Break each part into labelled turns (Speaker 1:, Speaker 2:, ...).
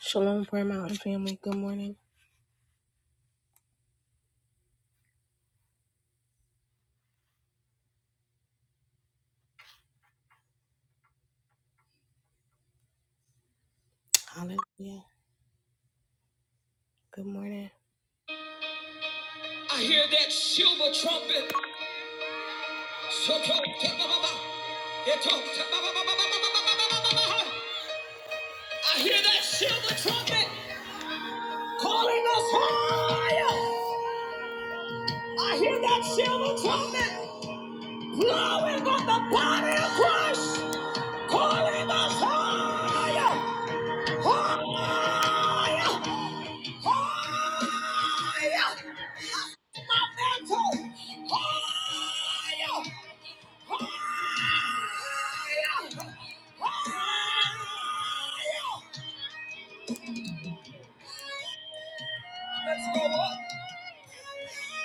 Speaker 1: Shalom, Prayer Mountain family. Good morning. Hallelujah. Good morning. I hear that silver trumpet. I hear that silver trumpet calling us higher. I hear that silver trumpet blowing on the body of Christ, calling us higher, higher, higher. My mantle, higher. Let's go up.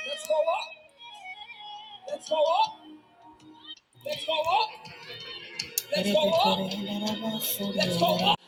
Speaker 1: Let's go up. Let's go up. Let's go up. Let's go up. Let's up.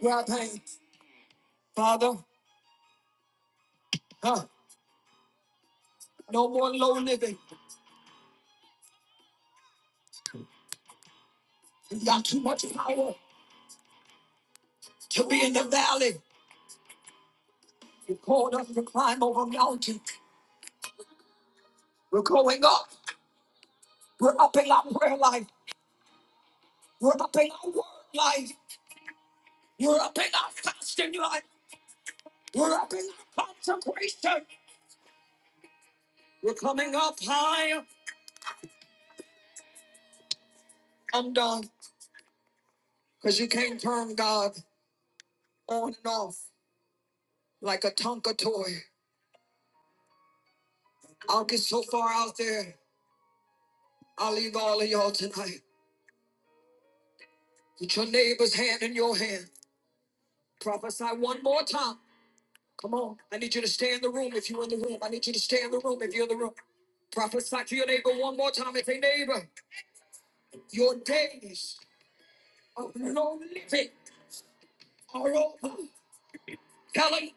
Speaker 1: We're paying, Father. Stimuli. We're upping. We're coming up higher. I'm done. Because you can't turn God on and off like a Tonka toy. I'll get so far out there. I'll leave all of y'all tonight. Put your neighbor's hand in your hand. Prophesy one more time. I need you to stay in the room if you're in the room. I need you to stay in the room if you're in the room. Prophesy to your neighbor one more time. If a neighbor. Your days of no living are over. Hallelujah.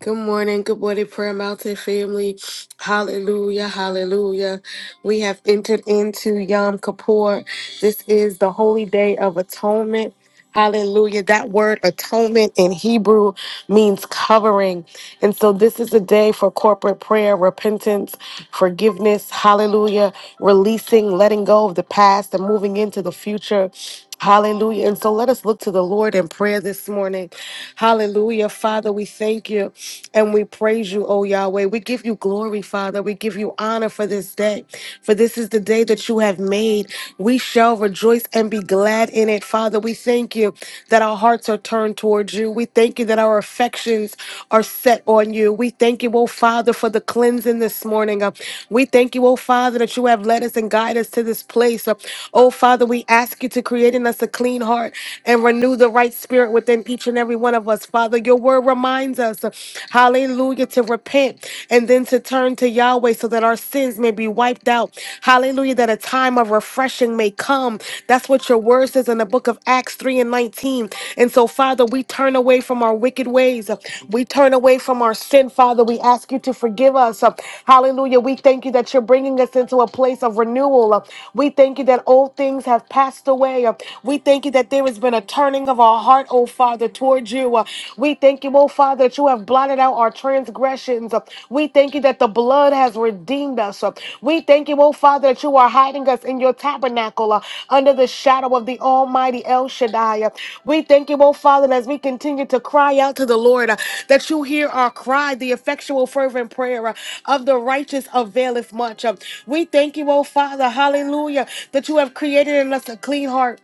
Speaker 1: Good morning, good morning, Prayer Mountain family. Hallelujah, hallelujah. We have entered into Yom Kippur. This is the holy day of atonement. Hallelujah. That word atonement in Hebrew means covering. And so this is a day for corporate prayer, repentance, forgiveness. Hallelujah. Releasing, letting go of the past and moving into the future. Hallelujah. And so let us look to the Lord in prayer this morning. Hallelujah. Father, we thank you and we praise you, O Yahweh. We give you glory, Father. We give you honor for this day, for this is the day that you have have made. We shall rejoice and be glad in it. Father, we thank you that our hearts are turned towards you. We thank you that our affections are set on you. We thank you, oh Father, for the cleansing this morning. Uh, We thank you, oh Father, that you have led us and guided us to this place. Uh, Oh Father, we ask you to create in us a clean heart and renew the right spirit within each and every one of us. Father, your word reminds us, uh, hallelujah, to repent and then and to turn to Yahweh so that our sins may be wiped out. Hallelujah, that a time of refreshing may come. That's what your word says in the book of Acts 3 and 19. And so, Father, we turn away from our wicked ways. We turn away from our sin, Father. We ask you to forgive us. Hallelujah. We thank you that you're bringing us into a place of renewal. We thank you that old things have passed away. We thank you that there has been a turning of our heart, oh Father, towards you. We thank you, oh Father, that you have blotted out our transgressions. We thank you that the blood has redeemed us. We thank you, oh Father, that you are hiding us in your tabernacle uh, under the shadow of the Almighty El Shaddai. We thank you, oh Father, that as we continue to cry out to the Lord, uh, that you hear our cry, the effectual, fervent prayer uh, of the righteous availeth much. Uh, We thank you, oh Father, hallelujah, that you have created in us a clean heart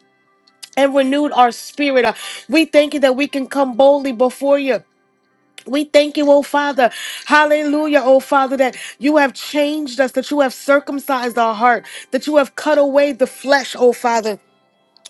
Speaker 1: and renewed our spirit. Uh, We thank you that we can come boldly before you. We thank you, oh Father. Hallelujah, oh Father, that you have changed us, that you have circumcised our heart, that you have cut away the flesh, oh Father.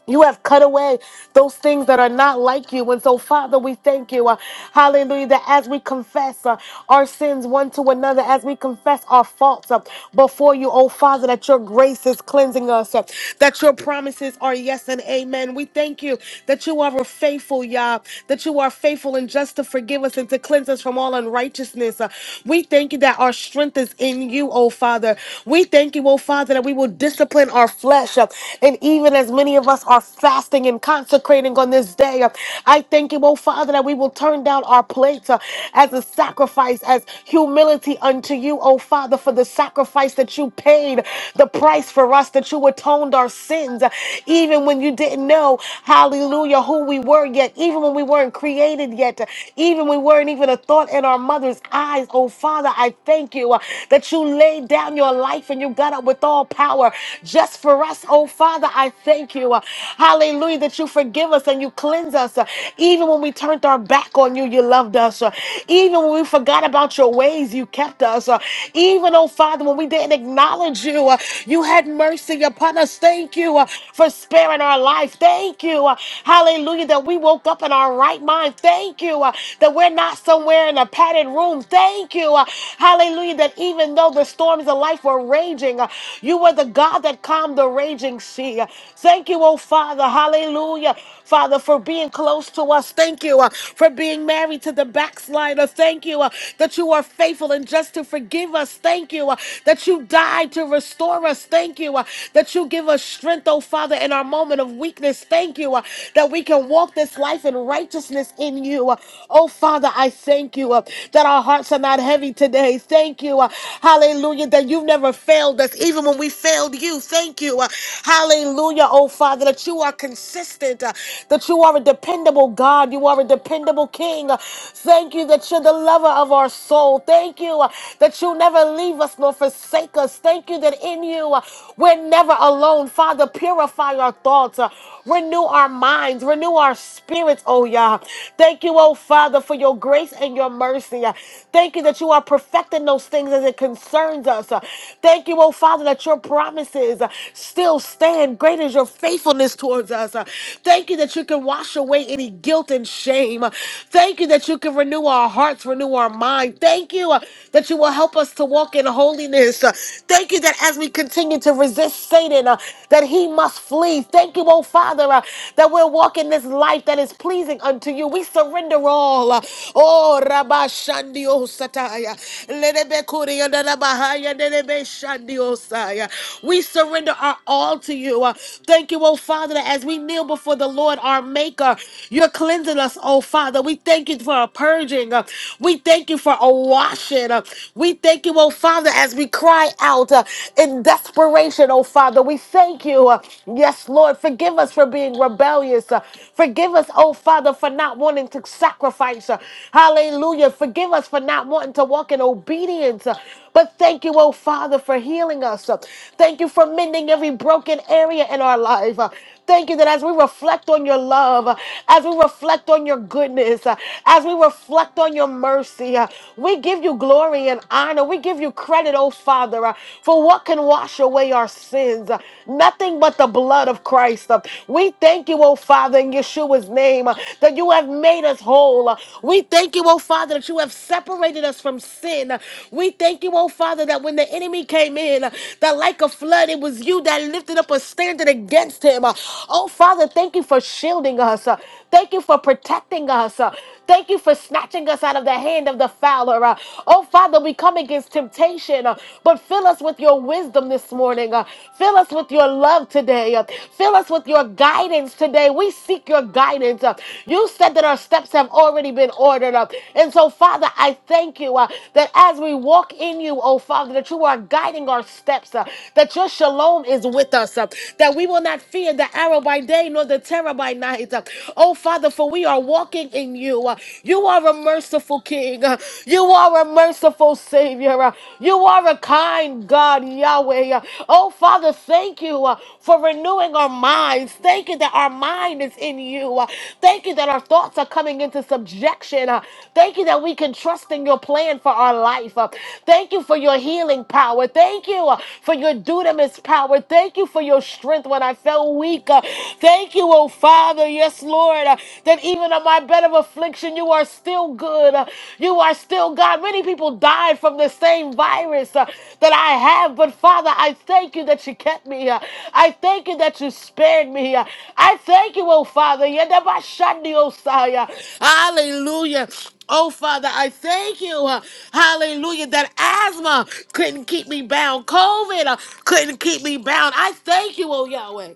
Speaker 1: You have cut away those things that are not like you. And so, Father, we thank you. uh, hallelujah. That as we confess uh, our sins one to another, as we confess our faults uh, before you, oh Father, that your grace is cleansing us, uh, that your promises are yes and amen. We thank you that you are faithful, Yah, that you are faithful and just to forgive us and to cleanse us from all unrighteousness. Uh, we thank you that our strength is in you, oh Father. We thank you, oh Father, that we will discipline our flesh. uh, and even as many of us are are fasting and consecrating on this day. I thank you, oh Father, that we will turn down our plates uh, as a sacrifice, as humility unto you, oh Father, for the sacrifice that you paid, the price for us, that you atoned our sins, uh, even when you didn't know, hallelujah, who we were yet, even when we weren't created yet, uh, even when we weren't even a thought in our mother's eyes, oh Father, I thank you uh, that you laid down your life and you got up with all power just for us, oh Father, I thank you. uh, Hallelujah, that you forgive us and you cleanse us. Uh, Even when we turned our back on you, you loved us. Uh, Even when we forgot about your ways, you kept us. Uh, Even, oh Father, when we didn't acknowledge you, uh, you had mercy upon us. Thank you uh, for sparing our life. Thank you. uh, Hallelujah, that we woke up in our right mind. Thank you uh, that we're not somewhere in a padded room. Thank you. uh, Hallelujah, that even though the storms of life were raging, uh, you were the God that calmed the raging sea. Uh, Thank you, oh. Father. Hallelujah. Father, for being close to us. Thank you uh, for being married to the backslider. Thank you uh, that you are faithful and just to forgive us. Thank you uh, that you died to restore us. Thank you uh, that you give us strength, oh Father, in our moment of weakness. Thank you uh, that we can walk this life in righteousness in you. Uh, oh Father, I thank you uh, that our hearts are not heavy today. Thank you. uh, hallelujah. That you've never failed us, even when we failed you. Thank you. uh, hallelujah, oh Father. Father, that you are consistent, uh, that you are a dependable God, you are a dependable King. Uh, Thank you that you're the lover of our soul. Thank you uh, that you never leave us nor forsake us. Thank you that in you uh, we're never alone. Father, purify our thoughts, uh, renew our minds, renew our spirits, oh Yah. Thank you, oh Father, for your grace and your mercy. Uh, Thank you that you are perfecting those things as it concerns us. Uh, Thank you, oh Father, that your promises uh, still stand. Great is your faithfulness faithfulness towards us. Uh, Thank you that you can wash away any guilt and shame. Uh, Thank you that you can renew our hearts, renew our mind. Thank you uh, that you will help us to walk in holiness. Uh, Thank you that as we continue to resist Satan, uh, that he must flee. Thank you, oh Father, uh, that we're walking this life that is pleasing unto you. We surrender all. Uh, Oh, Rabba Shandi Osataya. Lelebe Kuri and Rabahaya, Lelebe Shandi Osaya. We surrender our all to you. Uh, Thank you, oh oh Father, that as we kneel before the Lord our Maker, you're cleansing us, oh Father. We thank you for a purging. Uh, We thank you for a washing. Uh, We thank you, oh Father, as we cry out uh, in desperation, oh Father. We thank you. Uh, Yes, Lord, forgive us for being rebellious. Uh, Forgive us, oh Father, for not wanting to sacrifice. Uh, Hallelujah. Forgive us for not wanting to walk in obedience. Uh, But thank you, oh Father, for healing us. Uh, Thank you for mending every broken area in our life. Uh, Thank you that as we reflect on your love, uh, as we reflect on your goodness, uh, as we reflect on your mercy, uh, we give you glory and honor. We give you credit, oh Father, uh, for what can wash away our sins. Uh, Nothing but the blood of Christ. Uh, We thank you, oh Father, in Yeshua's name, uh, that you have made us whole. Uh, We thank you, oh Father, that you have separated us from sin. Uh, We thank you, oh Father, that when the enemy came in, uh, that like a flood, it was you that lifted up a standard against him against him. Uh, Oh, Father, thank you for shielding us. Uh, Thank you for protecting us. Uh, Thank you for snatching us out of the hand of the fowler. Uh, Oh, Father, we come against temptation, uh, but fill us with your wisdom this morning. Uh, Fill us with your love today. Uh, Fill us with your guidance today. We seek your guidance. Uh, You said that our steps have already been ordered. Uh, And so, Father, I thank you uh, that as we walk in you, oh Father, that you are guiding our steps, uh, that your shalom is with us, uh, that we will not fear, the arrow by day, nor the terror by night. Oh, Father, for we are walking in you. You are a merciful King. You are a merciful Savior. You are a kind God, Yahweh. Oh, Father, thank you uh, for renewing our minds. Thank you that our mind is in you. Uh, Thank you that our thoughts are coming into subjection. Uh, Thank you that we can trust in your plan for our life. Uh, Thank you for your healing power. Thank you uh, for your dunamis power. Thank you for your strength when I felt felt weak. Uh, Thank you, oh Father. Yes, Lord, uh, that even on my bed of affliction, you are still good. Uh, You are still God. Many people died from the same virus uh, that I have, but Father, I thank you that you kept me. Uh, I thank you that you spared me. Uh, I thank you, oh Father. Yedabashandi, oh, Sire. Hallelujah. Oh, Father, I thank you, uh, hallelujah, that asthma couldn't keep me bound. COVID uh, couldn't keep me bound. I thank you, oh Yahweh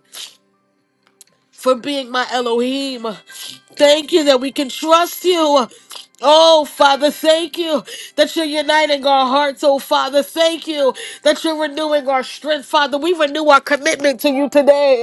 Speaker 1: for being my Elohim. Thank you that we can trust you. Oh, Father, thank you that you're uniting our hearts. Oh, Father, thank you that you're renewing our strength. Father, we renew our commitment to you today.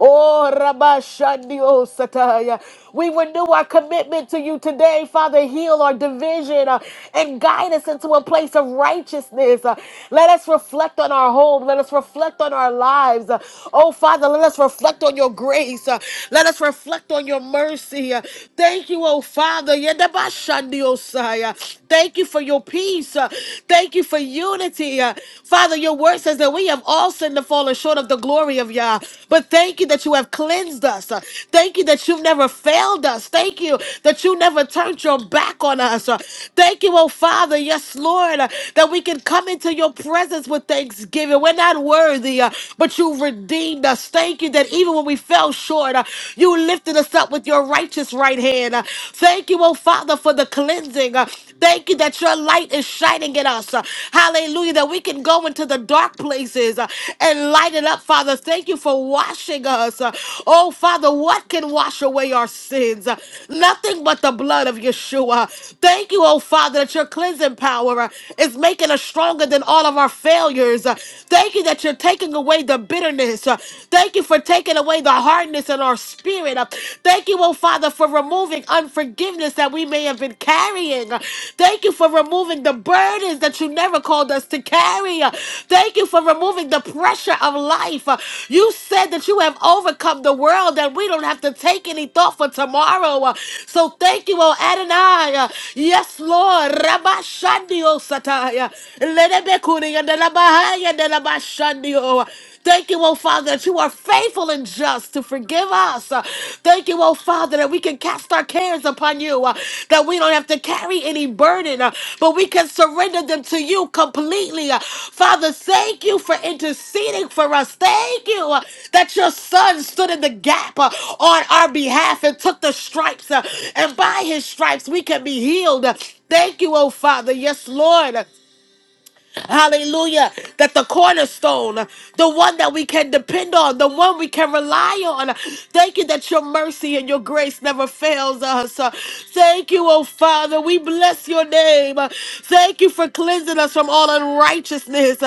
Speaker 1: Oh, Rabashandi Osataya. We renew our commitment to you today, Father. Heal our division uh, and guide us into a place of righteousness. Uh, let us reflect on our home. Let us reflect on our lives. Uh, oh, Father, let us reflect on your grace. Uh, let us reflect on your mercy. Uh, thank you, oh, Father. Yedabashandiosai. Uh, Thank you for your peace. Uh, thank you for unity. Uh, Father, your word says that we have all sinned and fallen short out of the glory of Yah. But thank you that you have cleansed us. Uh, Thank you that you've never failed us. Thank you that you never turned your back on us. Uh, Thank you, oh Father, yes, Lord, uh, that we can come into your presence with thanksgiving. We're not worthy, uh, but you redeemed us. Thank you that even when we fell short, uh, you lifted us up with your righteous right hand. Uh, Thank you, oh Father, for the cleansing. Uh, Thank you that your light is shining in us. Uh, Hallelujah. That we can go into the dark places uh, and light it up, Father. Thank you for washing us. Uh, Oh, Father, what can wash away our sins? Uh, Nothing but the blood of Yeshua. Thank you, oh Father, that your cleansing power uh, is making us stronger than all of our failures. Uh, Thank you that you're taking away the bitterness. Uh, Thank you for taking away the hardness in our spirit. Uh, Thank you, oh Father, for removing unforgiveness that we may have been carrying. Thank you for removing the burdens that you never called us to carry. Thank you for removing the pressure of life. You said that you have overcome the world and we don't have to take any thought for tomorrow. So thank you, oh Adonai. Yes, Lord. Rabba Shandio Sataya. Lenebekuri and Rabahaya and the Thank you, oh Father, that you are faithful and just to forgive us. Uh, Thank you, oh Father, that we can cast our cares upon you, uh, that we don't have to carry any burden, uh, but we can surrender them to you completely. Uh, Father, thank you for interceding for us. Thank you uh, that your son stood in the gap uh, on our behalf and took the stripes, uh, and by his stripes we can be healed. Thank you, oh Father. Yes, Lord. Hallelujah. That the cornerstone, the one that we can depend on, the one we can rely on. Thank you that your mercy and your grace never fails us. Thank you, oh Father. We bless your name. Thank you for cleansing us from all unrighteousness.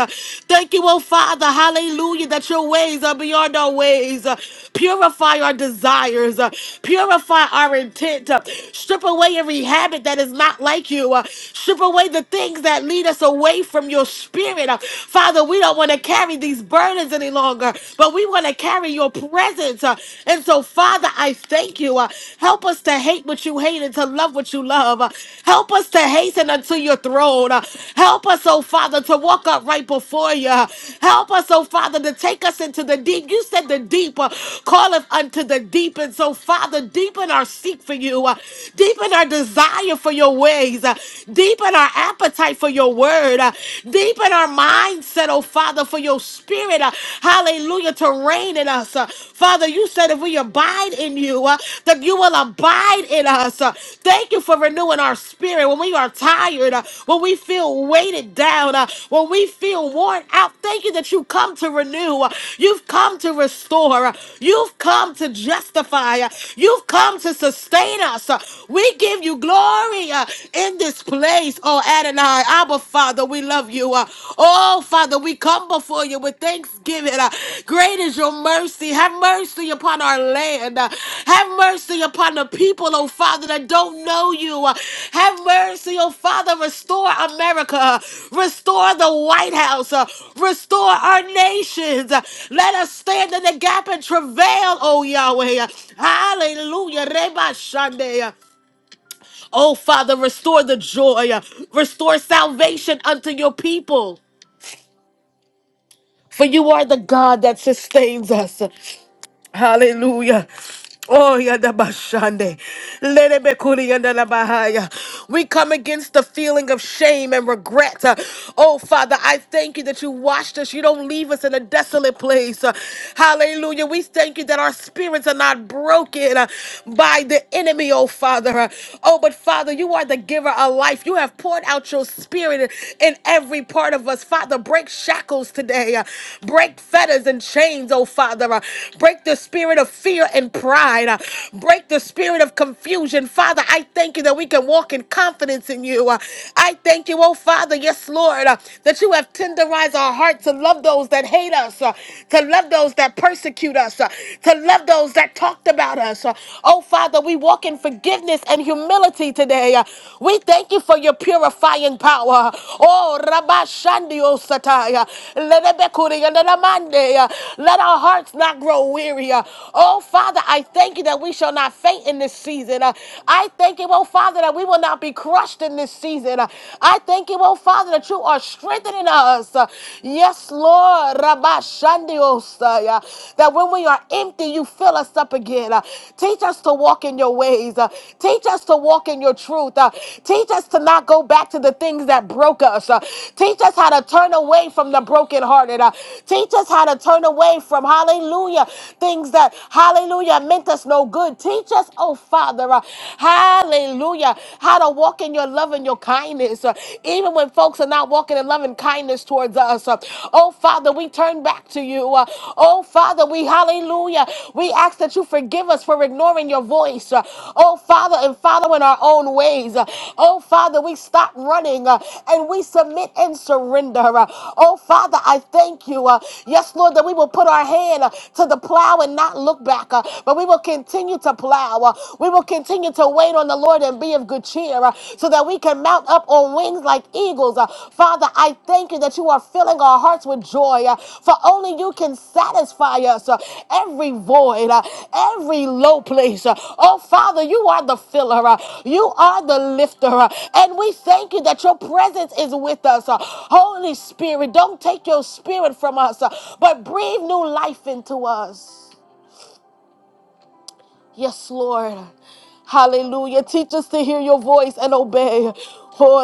Speaker 1: Thank you, oh Father. Hallelujah. That your ways are beyond our ways. Purify our desires. Purify our intent. Strip away every habit that is not like you. Strip away the things that that lead us away from your spirit. Uh, Father, we don't want to carry these burdens any longer, but we want to carry your presence. Uh, And so, Father, I thank you. Uh, Help us to hate what you hate and to love what you love. Uh, Help us to hasten unto your throne. Uh, Help us, oh Father, to walk up right before you. Uh, Help us, oh Father, to take us into the deep. You said the deep uh, calleth unto the deep. And so, Father, deepen our seek for you, uh, deepen our desire for your ways, uh, Deepen our appetite for your word. Uh, Deepen our mindset, oh Father, for your spirit. Uh, Hallelujah, to reign in us. Uh, Father, you said if we abide in you, uh, that you will abide in us. Uh, Thank you for renewing our spirit when we are tired, uh, when we feel weighted down, uh, when we feel worn out. Thank you that you come to renew. Uh, You've come to restore. Uh, You've come to justify. Uh, You've come to sustain us. Uh, We give you glory glory uh, in this place. Oh, Adonai, Abba, Father, we love you. uh. oh, Father, we come before you with thanksgiving. uh. great is your mercy. Have mercy upon our land. uh. have mercy upon the people, oh, Father, that don't know you. uh. have mercy, oh, Father, restore America. uh. restore the White House. uh. restore our nations. uh. let us stand in the gap and travail, oh, Yahweh. uh. Hallelujah. Reba Shande. Oh, Father, restore the joy, restore salvation unto your people. For you are the God that sustains us. Hallelujah. Oh, yada bashande. Lele bekuri yanda la bahaya. We come against the feeling of shame and regret. Uh, Oh, Father, I thank you that you washed us. You don't leave us in a desolate place. Uh, Hallelujah. We thank you that our spirits are not broken uh, by the enemy, oh, Father. Uh, Oh, but Father, you are the giver of life. You have poured out your spirit in every part of us. Father, break shackles today. Uh, Break fetters and chains, oh, Father. Uh, Break the spirit of fear and pride. Uh, Break the spirit of confusion. Father, I thank you that we can walk in confidence in you. Uh, I thank you, oh Father, yes, Lord, uh, that you have tenderized our heart to love those that hate us, uh, to love those that persecute us, uh, to love those that talked about us. Uh, Oh Father, we walk in forgiveness and humility today. Uh, We thank you for your purifying power. Oh, Rabba Shandio Sataya. Let our hearts not grow weary area. Oh, Father, I thank you that we shall not faint in this season. Uh, I thank you, oh, Father, that we will not be crushed in this season. Uh, I thank you, oh, Father, that you are strengthening us. Uh, yes, Lord, Rabba Shandios, uh, yeah, that when we are empty, you fill us up again. Uh, teach us to walk in your ways. Uh, teach us to walk in your truth. Uh, teach us to not go back to the things that broke us. Uh, teach us how to turn away from the brokenhearted. Uh, teach us how to turn away from, hallelujah, things things that, hallelujah, meant us no good. Teach us, oh Father, uh, hallelujah, how to walk in your love and your kindness, uh, even when folks are not walking in love and kindness towards us. uh, oh Father, we turn back to you. uh, oh Father, we, hallelujah, we ask that you forgive us for ignoring your voice. uh, oh Father, and following our own ways. uh, oh Father, we stop running uh, and we submit and surrender. uh, oh Father, I thank you. uh, yes, Lord, that we will put our hand uh, to the plow plow and not look back, uh, but we will continue to plow. uh, we will continue to wait on the Lord and be of good cheer uh, so that we can mount up on wings like eagles. uh. Father, I thank you that you are filling our hearts with joy, uh, for only you can satisfy us uh, every void, uh, every low place. uh. oh, Father, you are the filler, uh, you are the lifter, uh, and we thank you that your presence is with us. uh. Holy Spirit, don't take your spirit from us, uh, but breathe new life into us. Yes, Lord. Hallelujah. Teach us to hear your voice and obey. Oh,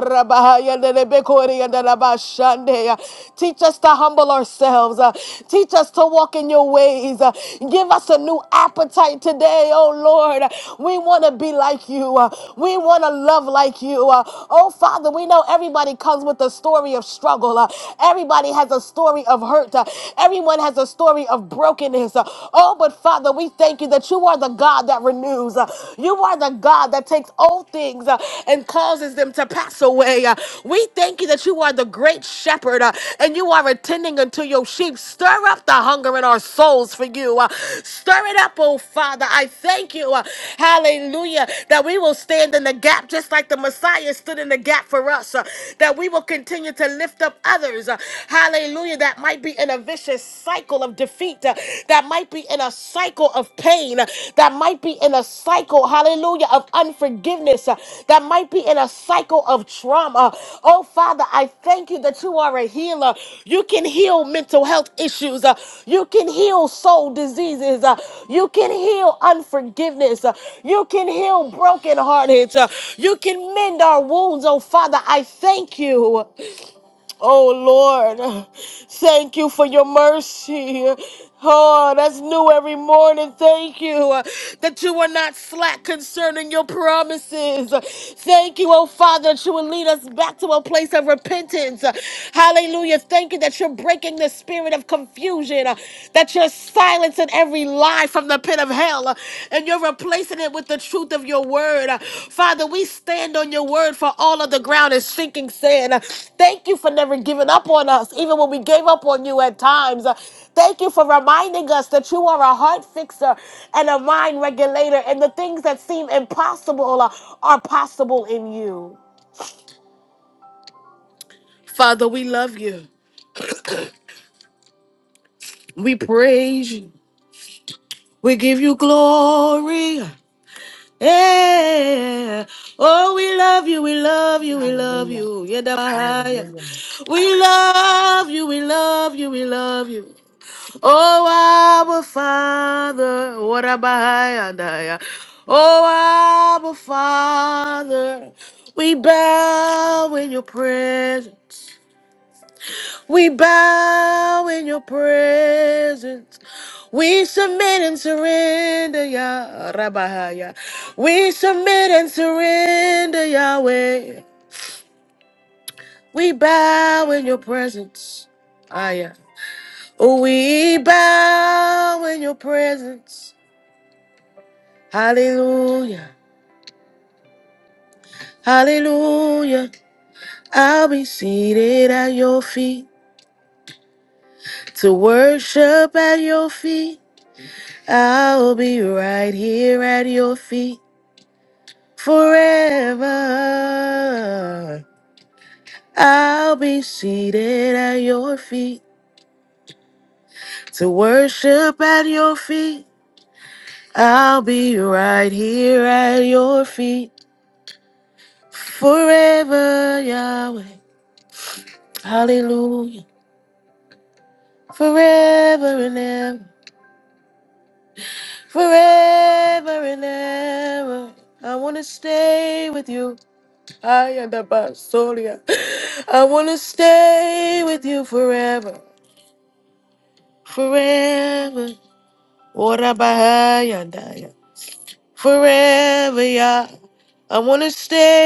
Speaker 1: Teach us to humble ourselves. Uh, Teach us to walk in your ways. Uh, Give us a new appetite today, oh Lord. We want to be like you. Uh, We want to love like you. Uh, Oh Father, we know everybody comes with a story of struggle. Uh, Everybody has a story of hurt. Uh, Everyone has a story of brokenness things. Uh, Oh, but Father, we thank you that you are the God that renews. Uh, You are the God that takes old things uh, and causes them to pass away. Uh, We thank you that you are the great shepherd uh, and you are attending unto your sheep. Stir up the hunger in our souls for you. Uh, Stir it up, oh Father. I thank you. uh, Hallelujah. That we will stand in the gap just like the Messiah stood in the gap for us. uh, That we will continue to lift up others. uh, Hallelujah. That that might be in a vicious cycle of defeat, uh, that might be in a cycle of pain, uh, that might be in a cycle, hallelujah, of unforgiveness, uh, that might be in a cycle of trauma. Oh, Father, I thank you that you are a healer. You can heal mental health issues, uh, you can heal soul diseases, uh, you can heal unforgiveness, uh, you can heal broken hearted, uh, you can mend our wounds. Oh, Father, I thank you. Oh Lord, thank you for your mercy. Oh, that's new every morning. Thank you uh, that you are not slack concerning your promises. Thank you, oh Father, that you will lead us back to a place of repentance. Hallelujah. Thank you that you're breaking the spirit of confusion, uh, that you're silencing every lie from the pit of hell uh, and you're replacing it with the truth of your word. Uh, Father, we stand on your word for all of the ground is sinking sand. Uh, Thank you for never giving up on us, even when we gave up on you at times. Uh, Thank you for reminding us that you are a heart fixer and a mind regulator, and the things that seem impossible uh, are possible in you. Father, we love you. We praise you. We give you glory. Yeah. Oh, we love you, we love you, we love
Speaker 2: Hallelujah.
Speaker 1: you. Yedabahaya.
Speaker 2: Hallelujah.
Speaker 1: We love you, we love you, we love you. Oh, our Father. Warabahaya Daya. Oh, our Father. We bow in your presence. We bow in your presence. We submit and surrender, Yah Rabahaya. We submit and surrender, Yahweh. We bow in your presence. Aya. We bow in your presence. Hallelujah. Hallelujah. I'll be seated at your feet to worship at your feet. I'll be right here at your feet forever. I'll be seated at your feet to worship at your feet. I'll be right here at your feet forever, Yahweh. Hallelujah. Forever and ever. Forever and ever. I want to stay with you. I am the Basolia. I want to forever. Forever, Yah. I want to stay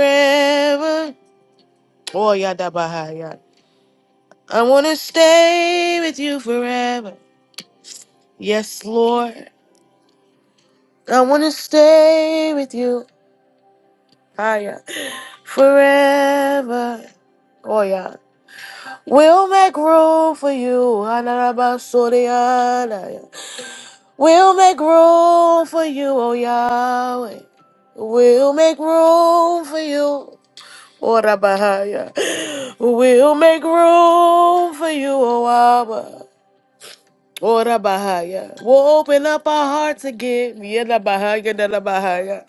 Speaker 1: forever. Oh, yada bahaya. I want to stay with you forever. Yes, Lord. I want to stay with you. Higher. Forever. Oh, yeah. We'll make room for you. Hanarabasoriana. We'll make room for you, oh Yahweh. We'll make room for you. Oh, Rabahaya. We'll make room for you, oh Abba. Ora Bahaya. We'll open up our hearts again. Yada Bahaya, Dada Bahaya.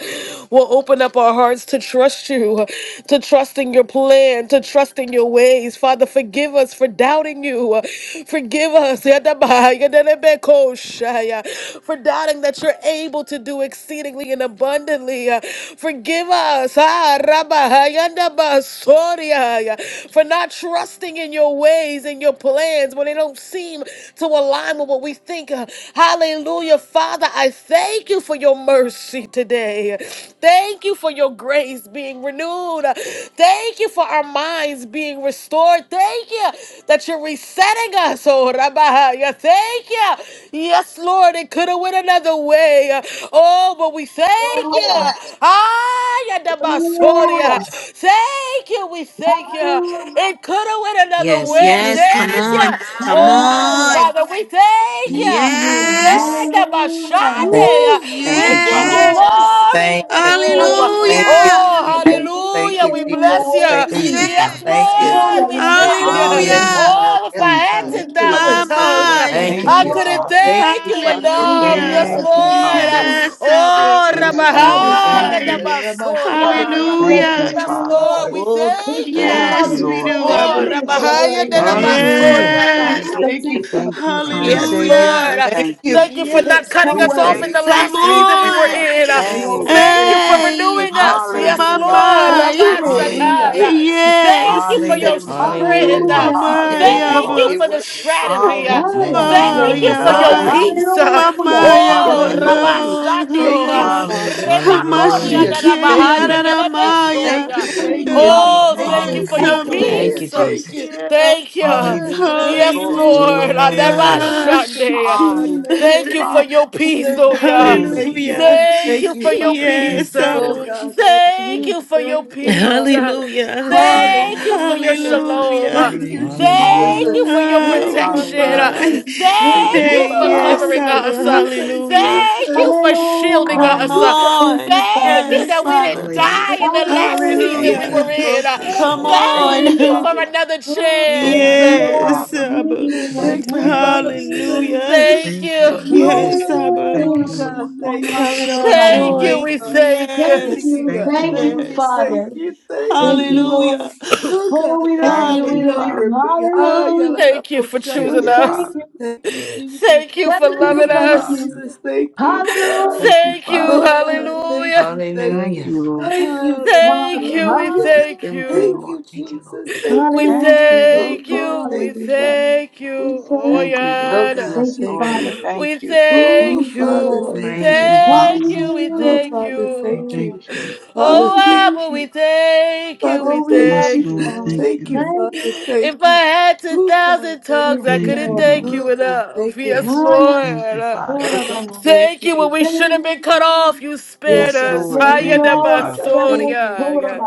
Speaker 1: We'll open up our hearts to trust you, to trust in your plan, to trust in your ways. Father, forgive us for doubting you. Forgive us Yada Bahaya, Dada Beko Shaya, for doubting that you're able to do exceedingly and abundantly. Forgive us ah, Rabahaya, Dada Basoria, for not trusting in your ways and your plans don't seem to align with what we think. Hallelujah. Father, I thank you for your mercy today. Thank you for your grace being renewed. Thank you for our minds being restored. Thank you that you're resetting us. Oh, Rabahaya. Thank you. Yes, Lord, it could have went another way. Oh, but we thank
Speaker 3: Hallelujah.
Speaker 1: you. Ah, Ayadabasoria.
Speaker 3: Hallelujah.
Speaker 1: Thank you. We thank you.
Speaker 3: Hallelujah.
Speaker 1: It could have went another way the
Speaker 2: Yes,
Speaker 3: Thank
Speaker 1: wind.
Speaker 2: yes.
Speaker 3: you,
Speaker 2: Come
Speaker 1: Thank
Speaker 3: Father.
Speaker 1: you.
Speaker 2: on. Come
Speaker 1: Oh,
Speaker 3: Hallelujah.
Speaker 2: on.
Speaker 1: Father, we thank
Speaker 3: Thank you,
Speaker 1: you.
Speaker 3: Lord.
Speaker 1: Yeah,
Speaker 2: Yes.
Speaker 3: Hallelujah.
Speaker 4: Thank,
Speaker 2: Woo,
Speaker 1: Gabashade.
Speaker 5: Thank
Speaker 1: We
Speaker 3: Yes,
Speaker 5: you,
Speaker 1: give you
Speaker 5: Father.
Speaker 3: Lord.
Speaker 2: yes.
Speaker 1: glory
Speaker 4: thank
Speaker 1: in this
Speaker 4: you.
Speaker 1: room.
Speaker 4: Thank you,
Speaker 2: Hallelujah.
Speaker 1: Oh,
Speaker 3: Hallelujah.
Speaker 4: Jesus.
Speaker 3: Thank
Speaker 5: Thank you,
Speaker 4: Thank
Speaker 1: hallelujah.
Speaker 4: you,
Speaker 1: We
Speaker 3: you.
Speaker 4: Jesus.
Speaker 1: bless you.
Speaker 3: You're
Speaker 4: Thank,
Speaker 3: worthy.
Speaker 5: Thank you,
Speaker 1: Yes,
Speaker 5: Father.
Speaker 2: Yes.
Speaker 4: thank you.
Speaker 1: Lord, we
Speaker 3: Hallelujah.
Speaker 4: Yes,
Speaker 1: thank you.
Speaker 4: yes,
Speaker 3: Father.
Speaker 2: Hallelujah.
Speaker 4: God.
Speaker 5: Hallelujah.
Speaker 1: Oh, if
Speaker 4: Yes,
Speaker 1: I
Speaker 5: Thank
Speaker 1: had
Speaker 4: God.
Speaker 5: you.
Speaker 4: It
Speaker 3: Thank
Speaker 4: could have
Speaker 1: 10,000
Speaker 2: My,
Speaker 4: went
Speaker 3: you.
Speaker 4: another
Speaker 1: tongues,
Speaker 4: way.
Speaker 2: my.
Speaker 3: Yes,
Speaker 6: Thank
Speaker 4: Thank
Speaker 6: you,
Speaker 5: Thank
Speaker 1: I
Speaker 5: you,
Speaker 4: you.
Speaker 6: Jesus.
Speaker 1: couldn't
Speaker 5: Father.
Speaker 3: Lord.
Speaker 4: Thank
Speaker 1: thank
Speaker 4: you,
Speaker 1: you
Speaker 4: Father.
Speaker 3: Yes,
Speaker 1: enough.
Speaker 4: Thank
Speaker 2: Hallelujah.
Speaker 1: Yes,
Speaker 4: you,
Speaker 3: Lord.
Speaker 5: Thank
Speaker 4: Father.
Speaker 5: you,
Speaker 3: Thank
Speaker 4: I'm
Speaker 1: Lord.
Speaker 5: Father.
Speaker 3: you.
Speaker 2: Yes, Abba.
Speaker 1: Oh,
Speaker 3: Thank
Speaker 4: sorry, I
Speaker 5: Yes,
Speaker 3: you,
Speaker 2: My,
Speaker 5: Lord.
Speaker 3: Abba,
Speaker 4: repent,
Speaker 5: Thank
Speaker 1: Rabahaya,
Speaker 2: my.
Speaker 5: you.
Speaker 3: Father.
Speaker 4: Father.
Speaker 1: Dabasoria.
Speaker 3: Hallelujah.
Speaker 5: Thank you,
Speaker 2: Hallelujah.
Speaker 3: Thank
Speaker 1: Yes,
Speaker 3: you,
Speaker 5: Father.
Speaker 1: Lord,
Speaker 3: Lord.
Speaker 1: we
Speaker 4: Oh, God.
Speaker 3: Thank
Speaker 1: thank
Speaker 3: you,
Speaker 1: you.
Speaker 4: Thank
Speaker 5: Thank
Speaker 3: Father.
Speaker 5: you,
Speaker 2: Yes,
Speaker 3: You're
Speaker 4: you.
Speaker 2: we
Speaker 5: Lord.
Speaker 3: so
Speaker 2: do,
Speaker 4: Thank
Speaker 1: Oh,
Speaker 4: you,
Speaker 3: worthy.
Speaker 2: Abba.
Speaker 3: You're so
Speaker 4: Father.
Speaker 1: Rabahaya
Speaker 3: worthy.
Speaker 4: Thank
Speaker 1: de
Speaker 4: you,
Speaker 5: Thank
Speaker 4: Father,
Speaker 5: you,
Speaker 4: for
Speaker 5: Father.
Speaker 6: Hallelujah.
Speaker 1: Rabasoria
Speaker 4: choosing
Speaker 2: Yes.
Speaker 4: me.
Speaker 3: Hallelujah.
Speaker 4: Thank you,
Speaker 3: Thank you.
Speaker 5: Thank
Speaker 4: Father,
Speaker 5: you,
Speaker 4: for
Speaker 6: Thank you,
Speaker 5: kind
Speaker 4: saving.
Speaker 1: Yes,
Speaker 6: Lord.
Speaker 5: Savior.
Speaker 2: Hallelujah.
Speaker 1: Lord.
Speaker 5: We
Speaker 1: Uh,
Speaker 4: Thank
Speaker 5: thank
Speaker 4: you,
Speaker 5: you.
Speaker 1: Thank you for
Speaker 4: Father.
Speaker 1: not
Speaker 2: Yes.
Speaker 4: Thank
Speaker 3: So
Speaker 1: cutting
Speaker 5: We
Speaker 4: you.
Speaker 1: us off
Speaker 3: worthy.
Speaker 1: in the
Speaker 5: thank
Speaker 2: Come
Speaker 5: you.
Speaker 1: last
Speaker 4: Thank
Speaker 1: season we
Speaker 4: you,
Speaker 1: were
Speaker 2: on.
Speaker 4: Father.
Speaker 1: in. Uh,
Speaker 3: Yes,
Speaker 4: Thank you.
Speaker 5: Thank
Speaker 3: Lord.
Speaker 4: Well,
Speaker 5: you.
Speaker 1: Thank you
Speaker 4: thank
Speaker 1: for
Speaker 4: you
Speaker 2: Hey,
Speaker 4: for
Speaker 1: renewing
Speaker 4: not
Speaker 1: us. Yes,
Speaker 4: turning
Speaker 5: Hallelujah.
Speaker 1: Lord.
Speaker 2: mama.
Speaker 4: Thank you.
Speaker 3: Hallelujah.
Speaker 4: Thank
Speaker 5: Hallelujah.
Speaker 1: Rabashataya.
Speaker 4: you
Speaker 1: Thank
Speaker 2: Yes.
Speaker 1: you for
Speaker 4: that
Speaker 1: your
Speaker 4: what I
Speaker 5: Hallelujah.
Speaker 4: could
Speaker 1: strength.
Speaker 4: have
Speaker 1: Uh,
Speaker 6: Hallelujah.
Speaker 4: got,
Speaker 3: Hallelujah.
Speaker 4: you didn't
Speaker 2: Mama
Speaker 3: Yes,
Speaker 5: Hallelujah.
Speaker 4: let
Speaker 1: Thank
Speaker 4: me
Speaker 3: Lord.
Speaker 1: you
Speaker 2: yaba.
Speaker 4: get.
Speaker 1: for the
Speaker 4: What I deserve, you
Speaker 1: strategy. Uh,
Speaker 4: didn't
Speaker 5: Hallelujah.
Speaker 4: let it
Speaker 3: Hallelujah.
Speaker 4: be,
Speaker 2: Oh,
Speaker 1: Thank
Speaker 3: Yes,
Speaker 4: Father.
Speaker 1: you
Speaker 6: Hallelujah.
Speaker 1: for
Speaker 3: Lord.
Speaker 1: your
Speaker 4: Thank
Speaker 2: yeah.
Speaker 4: you.
Speaker 1: peace.
Speaker 5: Hallelujah.
Speaker 1: Uh,
Speaker 4: Thank you,
Speaker 3: Hallelujah.
Speaker 2: Mama
Speaker 4: Father.
Speaker 3: Yes,
Speaker 1: Oh,
Speaker 2: yaba.
Speaker 4: Thank
Speaker 5: Hallelujah.
Speaker 3: Lord.
Speaker 4: you.
Speaker 2: Oh,
Speaker 1: Rabasandio.
Speaker 4: Thank
Speaker 1: Uh,
Speaker 4: you,
Speaker 2: yeah.
Speaker 5: Hallelujah.
Speaker 4: Father.
Speaker 1: Rebacoria
Speaker 4: Hallelujah.
Speaker 6: Hallelujah.
Speaker 3: Amen.
Speaker 1: de
Speaker 5: Hallelujah.
Speaker 2: Mashike
Speaker 4: Thank
Speaker 3: Thank
Speaker 4: you,
Speaker 1: Rabahaya
Speaker 3: you.
Speaker 2: yarara
Speaker 1: de
Speaker 4: Father.
Speaker 5: Yes,
Speaker 2: maya.
Speaker 4: Thank you.
Speaker 1: Rabasoria.
Speaker 3: Thank
Speaker 4: Thank
Speaker 3: you,
Speaker 5: glory.
Speaker 4: you.
Speaker 2: Oh,
Speaker 3: Abba.
Speaker 1: Oh,
Speaker 4: Thank
Speaker 1: thank
Speaker 4: you. I
Speaker 1: you
Speaker 3: Father.
Speaker 2: yes.
Speaker 1: for
Speaker 4: could
Speaker 5: Hallelujah.
Speaker 3: Thank
Speaker 1: your
Speaker 4: have
Speaker 3: you,
Speaker 4: been
Speaker 2: Abba.
Speaker 5: Thank
Speaker 3: Lord.
Speaker 6: Thank
Speaker 5: you,
Speaker 6: you,
Speaker 4: dead.
Speaker 1: peace.
Speaker 4: Thank
Speaker 5: Father.
Speaker 4: you.
Speaker 6: Jesus.
Speaker 2: Yes.
Speaker 4: I
Speaker 1: Thank you.
Speaker 4: could
Speaker 5: Hallelujah. And
Speaker 1: Yes,
Speaker 4: have
Speaker 5: glory to
Speaker 4: been.
Speaker 5: your
Speaker 1: Lord.
Speaker 5: name.
Speaker 6: Hallelujah.
Speaker 3: Lord,
Speaker 2: Hallelujah.
Speaker 4: Oh, God.
Speaker 1: Adabashande.
Speaker 4: I thank
Speaker 5: Hallelujah,
Speaker 1: Thank you for
Speaker 5: Father.
Speaker 4: you.
Speaker 1: your
Speaker 4: I
Speaker 1: peace,
Speaker 3: Thank
Speaker 4: thank
Speaker 1: oh
Speaker 3: you,
Speaker 4: you.
Speaker 1: yeah.
Speaker 4: I
Speaker 5: Thank
Speaker 6: Thank
Speaker 3: Savior.
Speaker 6: you,
Speaker 4: Thank
Speaker 5: you,
Speaker 4: you.
Speaker 6: Jesus.
Speaker 2: Hallelujah.
Speaker 5: Lord.
Speaker 1: Thank
Speaker 4: Thank
Speaker 1: you
Speaker 4: you,
Speaker 1: for
Speaker 4: Father.
Speaker 1: your
Speaker 5: Thank
Speaker 2: Yes,
Speaker 1: peace.
Speaker 5: you,
Speaker 1: uh.
Speaker 4: Oh
Speaker 5: Lord.
Speaker 4: God, thank
Speaker 1: Thank
Speaker 4: you.
Speaker 2: hallelujah.
Speaker 1: you for your
Speaker 4: Thank you,
Speaker 1: peace. uh.
Speaker 4: Father.
Speaker 2: Hallelujah.
Speaker 5: Thank you,
Speaker 1: Thank
Speaker 5: Lord.
Speaker 1: you for your
Speaker 4: Hallelujah.
Speaker 1: shalom. uh.
Speaker 2: Hallelujah.
Speaker 4: Thank you,
Speaker 5: Hallelujah.
Speaker 6: Hallelujah.
Speaker 4: Jesus.
Speaker 1: Thank you for your
Speaker 3: Hallelujah.
Speaker 4: Thank
Speaker 2: Oh, my
Speaker 4: you,
Speaker 1: protection. uh.
Speaker 4: Father.
Speaker 5: Hallelujah.
Speaker 3: Thank
Speaker 2: mind.
Speaker 3: you, Father.
Speaker 4: Thank
Speaker 1: Thank
Speaker 4: you,
Speaker 1: you
Speaker 2: Hey,
Speaker 1: for
Speaker 4: Father.
Speaker 2: yes,
Speaker 3: Hallelujah.
Speaker 1: covering
Speaker 5: Hallelujah.
Speaker 4: Thank
Speaker 2: Abba.
Speaker 1: us. uh.
Speaker 4: you, thank you,
Speaker 2: Hallelujah.
Speaker 1: Thank you
Speaker 4: thank
Speaker 1: for
Speaker 4: you.
Speaker 1: shielding
Speaker 3: Hallelujah.
Speaker 2: Come
Speaker 1: us.
Speaker 5: Hallelujah.
Speaker 4: Oh
Speaker 1: uh.
Speaker 4: God,
Speaker 3: Thank
Speaker 2: on.
Speaker 3: you,
Speaker 4: thank you.
Speaker 1: Thank
Speaker 3: Father.
Speaker 1: you
Speaker 2: Yes,
Speaker 4: Thank
Speaker 1: that
Speaker 4: you
Speaker 1: we
Speaker 4: for
Speaker 2: Father.
Speaker 1: didn't
Speaker 5: Hallelujah.
Speaker 1: die in the
Speaker 4: protecting.
Speaker 1: last
Speaker 3: Hallelujah.
Speaker 4: Thank
Speaker 1: season
Speaker 4: you.
Speaker 6: Thank
Speaker 1: we
Speaker 6: you,
Speaker 1: were
Speaker 2: Hallelujah.
Speaker 6: Lord.
Speaker 4: Oh
Speaker 1: in. uh.
Speaker 4: God,
Speaker 5: Yes,
Speaker 2: Come
Speaker 5: Lord.
Speaker 6: Jesus.
Speaker 4: thank
Speaker 5: Thank
Speaker 4: you,
Speaker 5: you,
Speaker 1: Thank you
Speaker 4: thank
Speaker 2: on.
Speaker 1: for
Speaker 3: Hallelujah.
Speaker 4: you.
Speaker 5: Father.
Speaker 1: another
Speaker 4: Oh
Speaker 3: Yes,
Speaker 1: chance.
Speaker 4: God,
Speaker 5: Thank
Speaker 1: uh.
Speaker 5: you,
Speaker 4: thank you,
Speaker 3: Lord,
Speaker 2: Yes,
Speaker 5: Father.
Speaker 4: Father.
Speaker 3: thank
Speaker 2: Abba.
Speaker 3: you,
Speaker 6: Need
Speaker 3: Lord.
Speaker 5: Thank
Speaker 4: Thank
Speaker 6: the
Speaker 4: you,
Speaker 6: blood
Speaker 5: you.
Speaker 6: of
Speaker 4: Father.
Speaker 6: Jesus.
Speaker 4: Thank
Speaker 3: Hallelujah.
Speaker 2: Hallelujah.
Speaker 4: you.
Speaker 1: Thank
Speaker 5: Thank
Speaker 1: you.
Speaker 5: you.
Speaker 4: You
Speaker 6: Yes,
Speaker 2: Yes,
Speaker 4: didn't have
Speaker 6: Lord.
Speaker 4: to
Speaker 2: Abba.
Speaker 5: Thank
Speaker 4: do it,
Speaker 5: you,
Speaker 3: Hallelujah.
Speaker 5: Lord.
Speaker 4: God. Thank
Speaker 2: Count
Speaker 4: you.
Speaker 2: it all
Speaker 1: Thank
Speaker 5: Thank
Speaker 1: you.
Speaker 3: Namaste.
Speaker 5: you,
Speaker 2: joy.
Speaker 1: We
Speaker 5: Lord.
Speaker 4: Father.
Speaker 1: thank you.
Speaker 3: Thank
Speaker 4: Thank
Speaker 2: Yes.
Speaker 4: you,
Speaker 3: you,
Speaker 4: God.
Speaker 5: Thank you,
Speaker 3: thank
Speaker 4: Thank
Speaker 5: Lord.
Speaker 3: you,
Speaker 4: you,
Speaker 2: Yes.
Speaker 4: thank
Speaker 3: Father.
Speaker 4: you, thank
Speaker 3: Thank
Speaker 5: Thank you,
Speaker 4: you.
Speaker 3: you,
Speaker 5: Lord.
Speaker 3: Lord.
Speaker 2: Hallelujah.
Speaker 4: Oh,
Speaker 3: Oh,
Speaker 4: God,
Speaker 3: we
Speaker 4: thank
Speaker 3: love
Speaker 4: you
Speaker 5: Thank
Speaker 3: you,
Speaker 4: for
Speaker 3: we
Speaker 5: you,
Speaker 3: love
Speaker 2: Hallelujah.
Speaker 5: Father.
Speaker 3: you.
Speaker 4: covering me. Hi,
Speaker 3: Hallelujah.
Speaker 1: Thank you for
Speaker 5: Thank
Speaker 3: We
Speaker 1: choosing
Speaker 5: you,
Speaker 4: Yalanabosha.
Speaker 3: thank
Speaker 1: us.
Speaker 3: you,
Speaker 5: Father.
Speaker 4: Thank you, Jesus.
Speaker 1: Thank you
Speaker 3: thank
Speaker 1: for
Speaker 3: you,
Speaker 5: Thank
Speaker 1: loving
Speaker 5: you,
Speaker 4: Thank you,
Speaker 3: thank
Speaker 1: us.
Speaker 5: Father.
Speaker 3: you.
Speaker 4: Jesus. Thank you,
Speaker 3: Hallelujah.
Speaker 4: God.
Speaker 5: Thank you,
Speaker 1: Thank you,
Speaker 5: Father.
Speaker 4: Oh, God,
Speaker 3: Hallelujah.
Speaker 4: thank
Speaker 1: hallelujah.
Speaker 4: you, thank
Speaker 5: Thank
Speaker 4: you.
Speaker 6: Hallelujah.
Speaker 5: you, Lord.
Speaker 3: Thank you,
Speaker 4: Hallelujah.
Speaker 1: Thank
Speaker 3: Father.
Speaker 1: you, we
Speaker 6: Thank you.
Speaker 1: thank
Speaker 5: Thank you,
Speaker 3: Hallelujah.
Speaker 4: Thank
Speaker 1: you.
Speaker 5: Lord.
Speaker 4: you,
Speaker 6: Thank you, Lord.
Speaker 4: Jesus. Thank
Speaker 1: We
Speaker 4: you.
Speaker 5: Thank you,
Speaker 4: Oh,
Speaker 1: thank
Speaker 3: Hallelujah.
Speaker 4: God,
Speaker 1: you,
Speaker 5: Lord.
Speaker 1: we
Speaker 4: thank you, Father.
Speaker 3: Hallelujah.
Speaker 1: thank
Speaker 3: We
Speaker 1: you. Oh,
Speaker 3: thank
Speaker 5: Thank
Speaker 3: you.
Speaker 5: you,
Speaker 4: Oh,
Speaker 5: Lord.
Speaker 1: yeah.
Speaker 4: God,
Speaker 3: Thank
Speaker 5: Yes,
Speaker 3: you,
Speaker 4: thank
Speaker 5: Lord.
Speaker 4: you.
Speaker 5: We
Speaker 3: Father.
Speaker 5: thank
Speaker 1: We
Speaker 5: you.
Speaker 4: Oh,
Speaker 1: thank
Speaker 3: Thank you,
Speaker 4: Father,
Speaker 3: Lord.
Speaker 1: you,
Speaker 5: We
Speaker 1: we
Speaker 4: thank
Speaker 6: Thank
Speaker 5: thank
Speaker 6: you,
Speaker 4: you.
Speaker 5: you, Father.
Speaker 1: thank
Speaker 6: Jesus.
Speaker 1: you, we
Speaker 4: Oh,
Speaker 3: Hallelujah,
Speaker 1: thank
Speaker 4: Father,
Speaker 1: you.
Speaker 5: We
Speaker 4: thank
Speaker 3: hallelujah.
Speaker 5: thank
Speaker 4: you.
Speaker 5: you.
Speaker 4: Father,
Speaker 1: Oh,
Speaker 3: Thank
Speaker 4: thank
Speaker 3: you.
Speaker 1: Abba,
Speaker 4: you.
Speaker 1: we thank you,
Speaker 4: Father,
Speaker 1: we
Speaker 3: Oh, we
Speaker 4: thank
Speaker 3: love
Speaker 5: Yes,
Speaker 1: thank
Speaker 4: you.
Speaker 3: you,
Speaker 5: Lord.
Speaker 3: Father.
Speaker 1: you.
Speaker 5: Thank
Speaker 4: Thank you,
Speaker 5: you.
Speaker 3: Thank you.
Speaker 4: Father.
Speaker 1: If
Speaker 4: Thank
Speaker 1: I
Speaker 4: you.
Speaker 1: had
Speaker 4: Oh, God,
Speaker 1: 10,000
Speaker 4: thank
Speaker 1: tongues,
Speaker 3: Yes,
Speaker 1: I
Speaker 4: you.
Speaker 5: Thank
Speaker 1: couldn't
Speaker 5: you,
Speaker 3: Lord.
Speaker 1: thank
Speaker 5: Lord.
Speaker 1: you
Speaker 4: Oh, God,
Speaker 1: enough.
Speaker 4: thank you.
Speaker 1: Yes,
Speaker 6: Yes, we
Speaker 3: Hallelujah.
Speaker 5: Thank you,
Speaker 1: Lord.
Speaker 5: Father.
Speaker 3: Thank
Speaker 4: Oh, God, thank
Speaker 1: Thank you when
Speaker 4: you.
Speaker 1: we should have
Speaker 3: you.
Speaker 1: been cut off. You
Speaker 4: Yes,
Speaker 1: spared
Speaker 5: Yes,
Speaker 4: God,
Speaker 1: us.
Speaker 5: Lord.
Speaker 3: Yes,
Speaker 4: thank
Speaker 1: Higher
Speaker 5: Thank
Speaker 4: you,
Speaker 1: than
Speaker 5: you,
Speaker 4: Father.
Speaker 3: Lord.
Speaker 5: Father.
Speaker 4: Thank you.
Speaker 1: Basoria.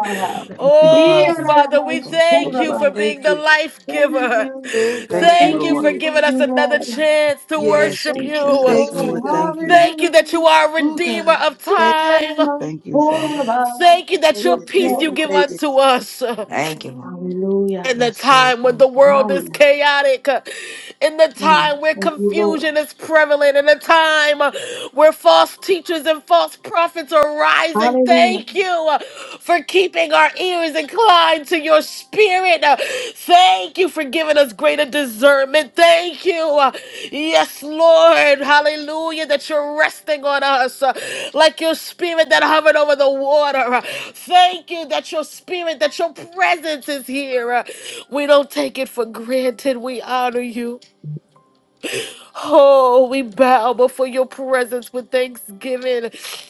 Speaker 5: Thank you,
Speaker 1: Oh,
Speaker 5: Father.
Speaker 1: Father, we
Speaker 6: go
Speaker 1: thank you
Speaker 6: under.
Speaker 1: for being
Speaker 4: Thank
Speaker 1: the
Speaker 4: you.
Speaker 1: life
Speaker 3: Thank
Speaker 1: giver.
Speaker 3: you.
Speaker 4: Oh,
Speaker 5: Thank
Speaker 4: God,
Speaker 5: you,
Speaker 1: Thank
Speaker 3: Thank
Speaker 4: thank
Speaker 1: you for
Speaker 5: Lord.
Speaker 3: you.
Speaker 4: you.
Speaker 3: Thank
Speaker 1: giving us
Speaker 3: you,
Speaker 1: another
Speaker 3: Lord.
Speaker 1: chance to
Speaker 4: Yes,
Speaker 6: Yes,
Speaker 1: worship
Speaker 3: Thank
Speaker 6: Jesus.
Speaker 3: you,
Speaker 1: you.
Speaker 5: Yes,
Speaker 4: thank
Speaker 3: Lord.
Speaker 4: you,
Speaker 5: Lord.
Speaker 4: God.
Speaker 5: Thank you.
Speaker 1: Thank you that you
Speaker 3: Hallelujah.
Speaker 1: are a
Speaker 4: Oh,
Speaker 1: redeemer
Speaker 4: God,
Speaker 1: of
Speaker 4: thank
Speaker 1: time.
Speaker 5: Thank you, Father.
Speaker 1: Thank you that
Speaker 4: you. Thank
Speaker 1: your
Speaker 4: you.
Speaker 3: Yes,
Speaker 1: peace
Speaker 4: Thank
Speaker 3: Lord.
Speaker 1: you
Speaker 4: you.
Speaker 1: give
Speaker 4: Thank you.
Speaker 1: unto us
Speaker 6: Thank you, Lord.
Speaker 3: Hallelujah.
Speaker 1: in the
Speaker 5: Yes, Lord.
Speaker 1: time when
Speaker 5: Thank
Speaker 1: the
Speaker 5: you.
Speaker 3: Ah,
Speaker 1: world is
Speaker 3: yeah.
Speaker 1: chaotic, in the
Speaker 3: Mm.
Speaker 1: time where
Speaker 3: Thank you, Lord.
Speaker 1: confusion is prevalent, in the time where false teachers and false prophets are rising.
Speaker 3: Hallelujah.
Speaker 1: Thank you for keeping our ears inclined to your spirit. Thank you for giving given us greater discernment. Thank you. Yes, Lord. Hallelujah. That you're resting on us uh, like your spirit that hovered over the water. Thank you that your spirit, that your presence is here. Uh, We don't take it for granted. We honor you. Oh, we bow before your presence with thanksgiving,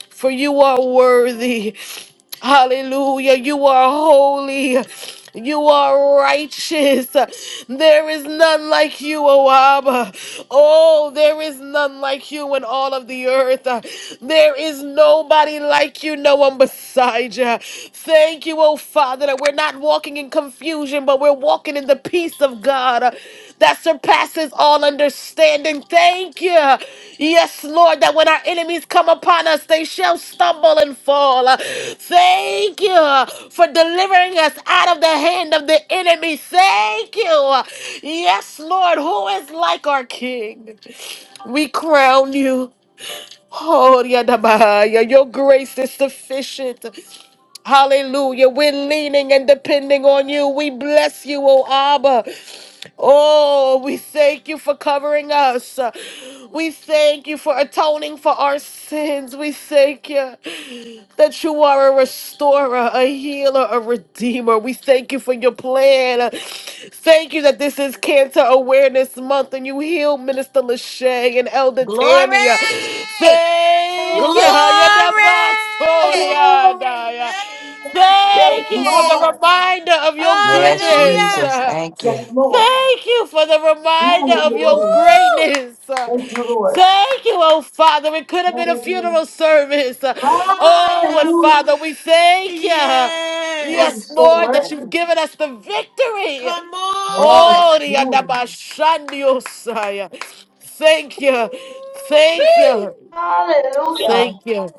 Speaker 1: for you are worthy. Hallelujah. You are holy. You are righteous. There is none like you, O Abba. Oh, there is none like you in all of the earth. There is nobody like you, no one beside you. Thank you, O Father, that we're not walking in confusion, but we're walking in the peace of God that surpasses all understanding. Thank you. Yes, Lord, that when our enemies come upon us, they shall stumble and fall. Thank you for delivering us out of the hand of the enemy. Thank you. Yes, Lord, who is like our King? We crown you. Oh, Yadabaya, your grace is sufficient. Hallelujah. We're leaning and depending on you. We bless you, O Abba. Oh, we thank you for covering us. We thank you for atoning for our sins. We thank you that you are a restorer, a healer, a redeemer. We thank you for your plan. Thank you that this is Cancer Awareness Month and you heal Minister Lachey and Elder Tammy.
Speaker 2: Glory.
Speaker 1: Thank you.
Speaker 3: Hallelujah.
Speaker 1: You're the
Speaker 2: Glory.
Speaker 1: boss, Tony.
Speaker 3: Hallelujah. Yes,
Speaker 1: Thank you for the
Speaker 2: Hey.
Speaker 3: Lord.
Speaker 1: reminder of your
Speaker 6: Yes,
Speaker 2: Hallelujah.
Speaker 6: Jesus.
Speaker 1: goodness.
Speaker 6: Thank
Speaker 3: Yes,
Speaker 6: you.
Speaker 3: Lord.
Speaker 1: Thank you for the reminder of your
Speaker 3: Hallelujah.
Speaker 2: Woo.
Speaker 1: greatness.
Speaker 3: Thank you, Lord.
Speaker 1: Thank you, oh Father. It could have been a
Speaker 3: Hallelujah.
Speaker 1: funeral service. Oh,
Speaker 2: My
Speaker 1: but
Speaker 2: Abba.
Speaker 3: Hallelujah.
Speaker 1: Father, we thank you.
Speaker 3: Lord, you're
Speaker 1: Yes,
Speaker 2: Yes.
Speaker 3: so
Speaker 1: Lord, that you've
Speaker 3: worthy.
Speaker 1: given us the victory.
Speaker 2: Come on.
Speaker 3: Yes,
Speaker 1: Oh, the
Speaker 3: Lord.
Speaker 1: Adabashandiosaya. Thank you.
Speaker 2: Woo.
Speaker 1: Thank you.
Speaker 3: Hallelujah.
Speaker 1: Thank you.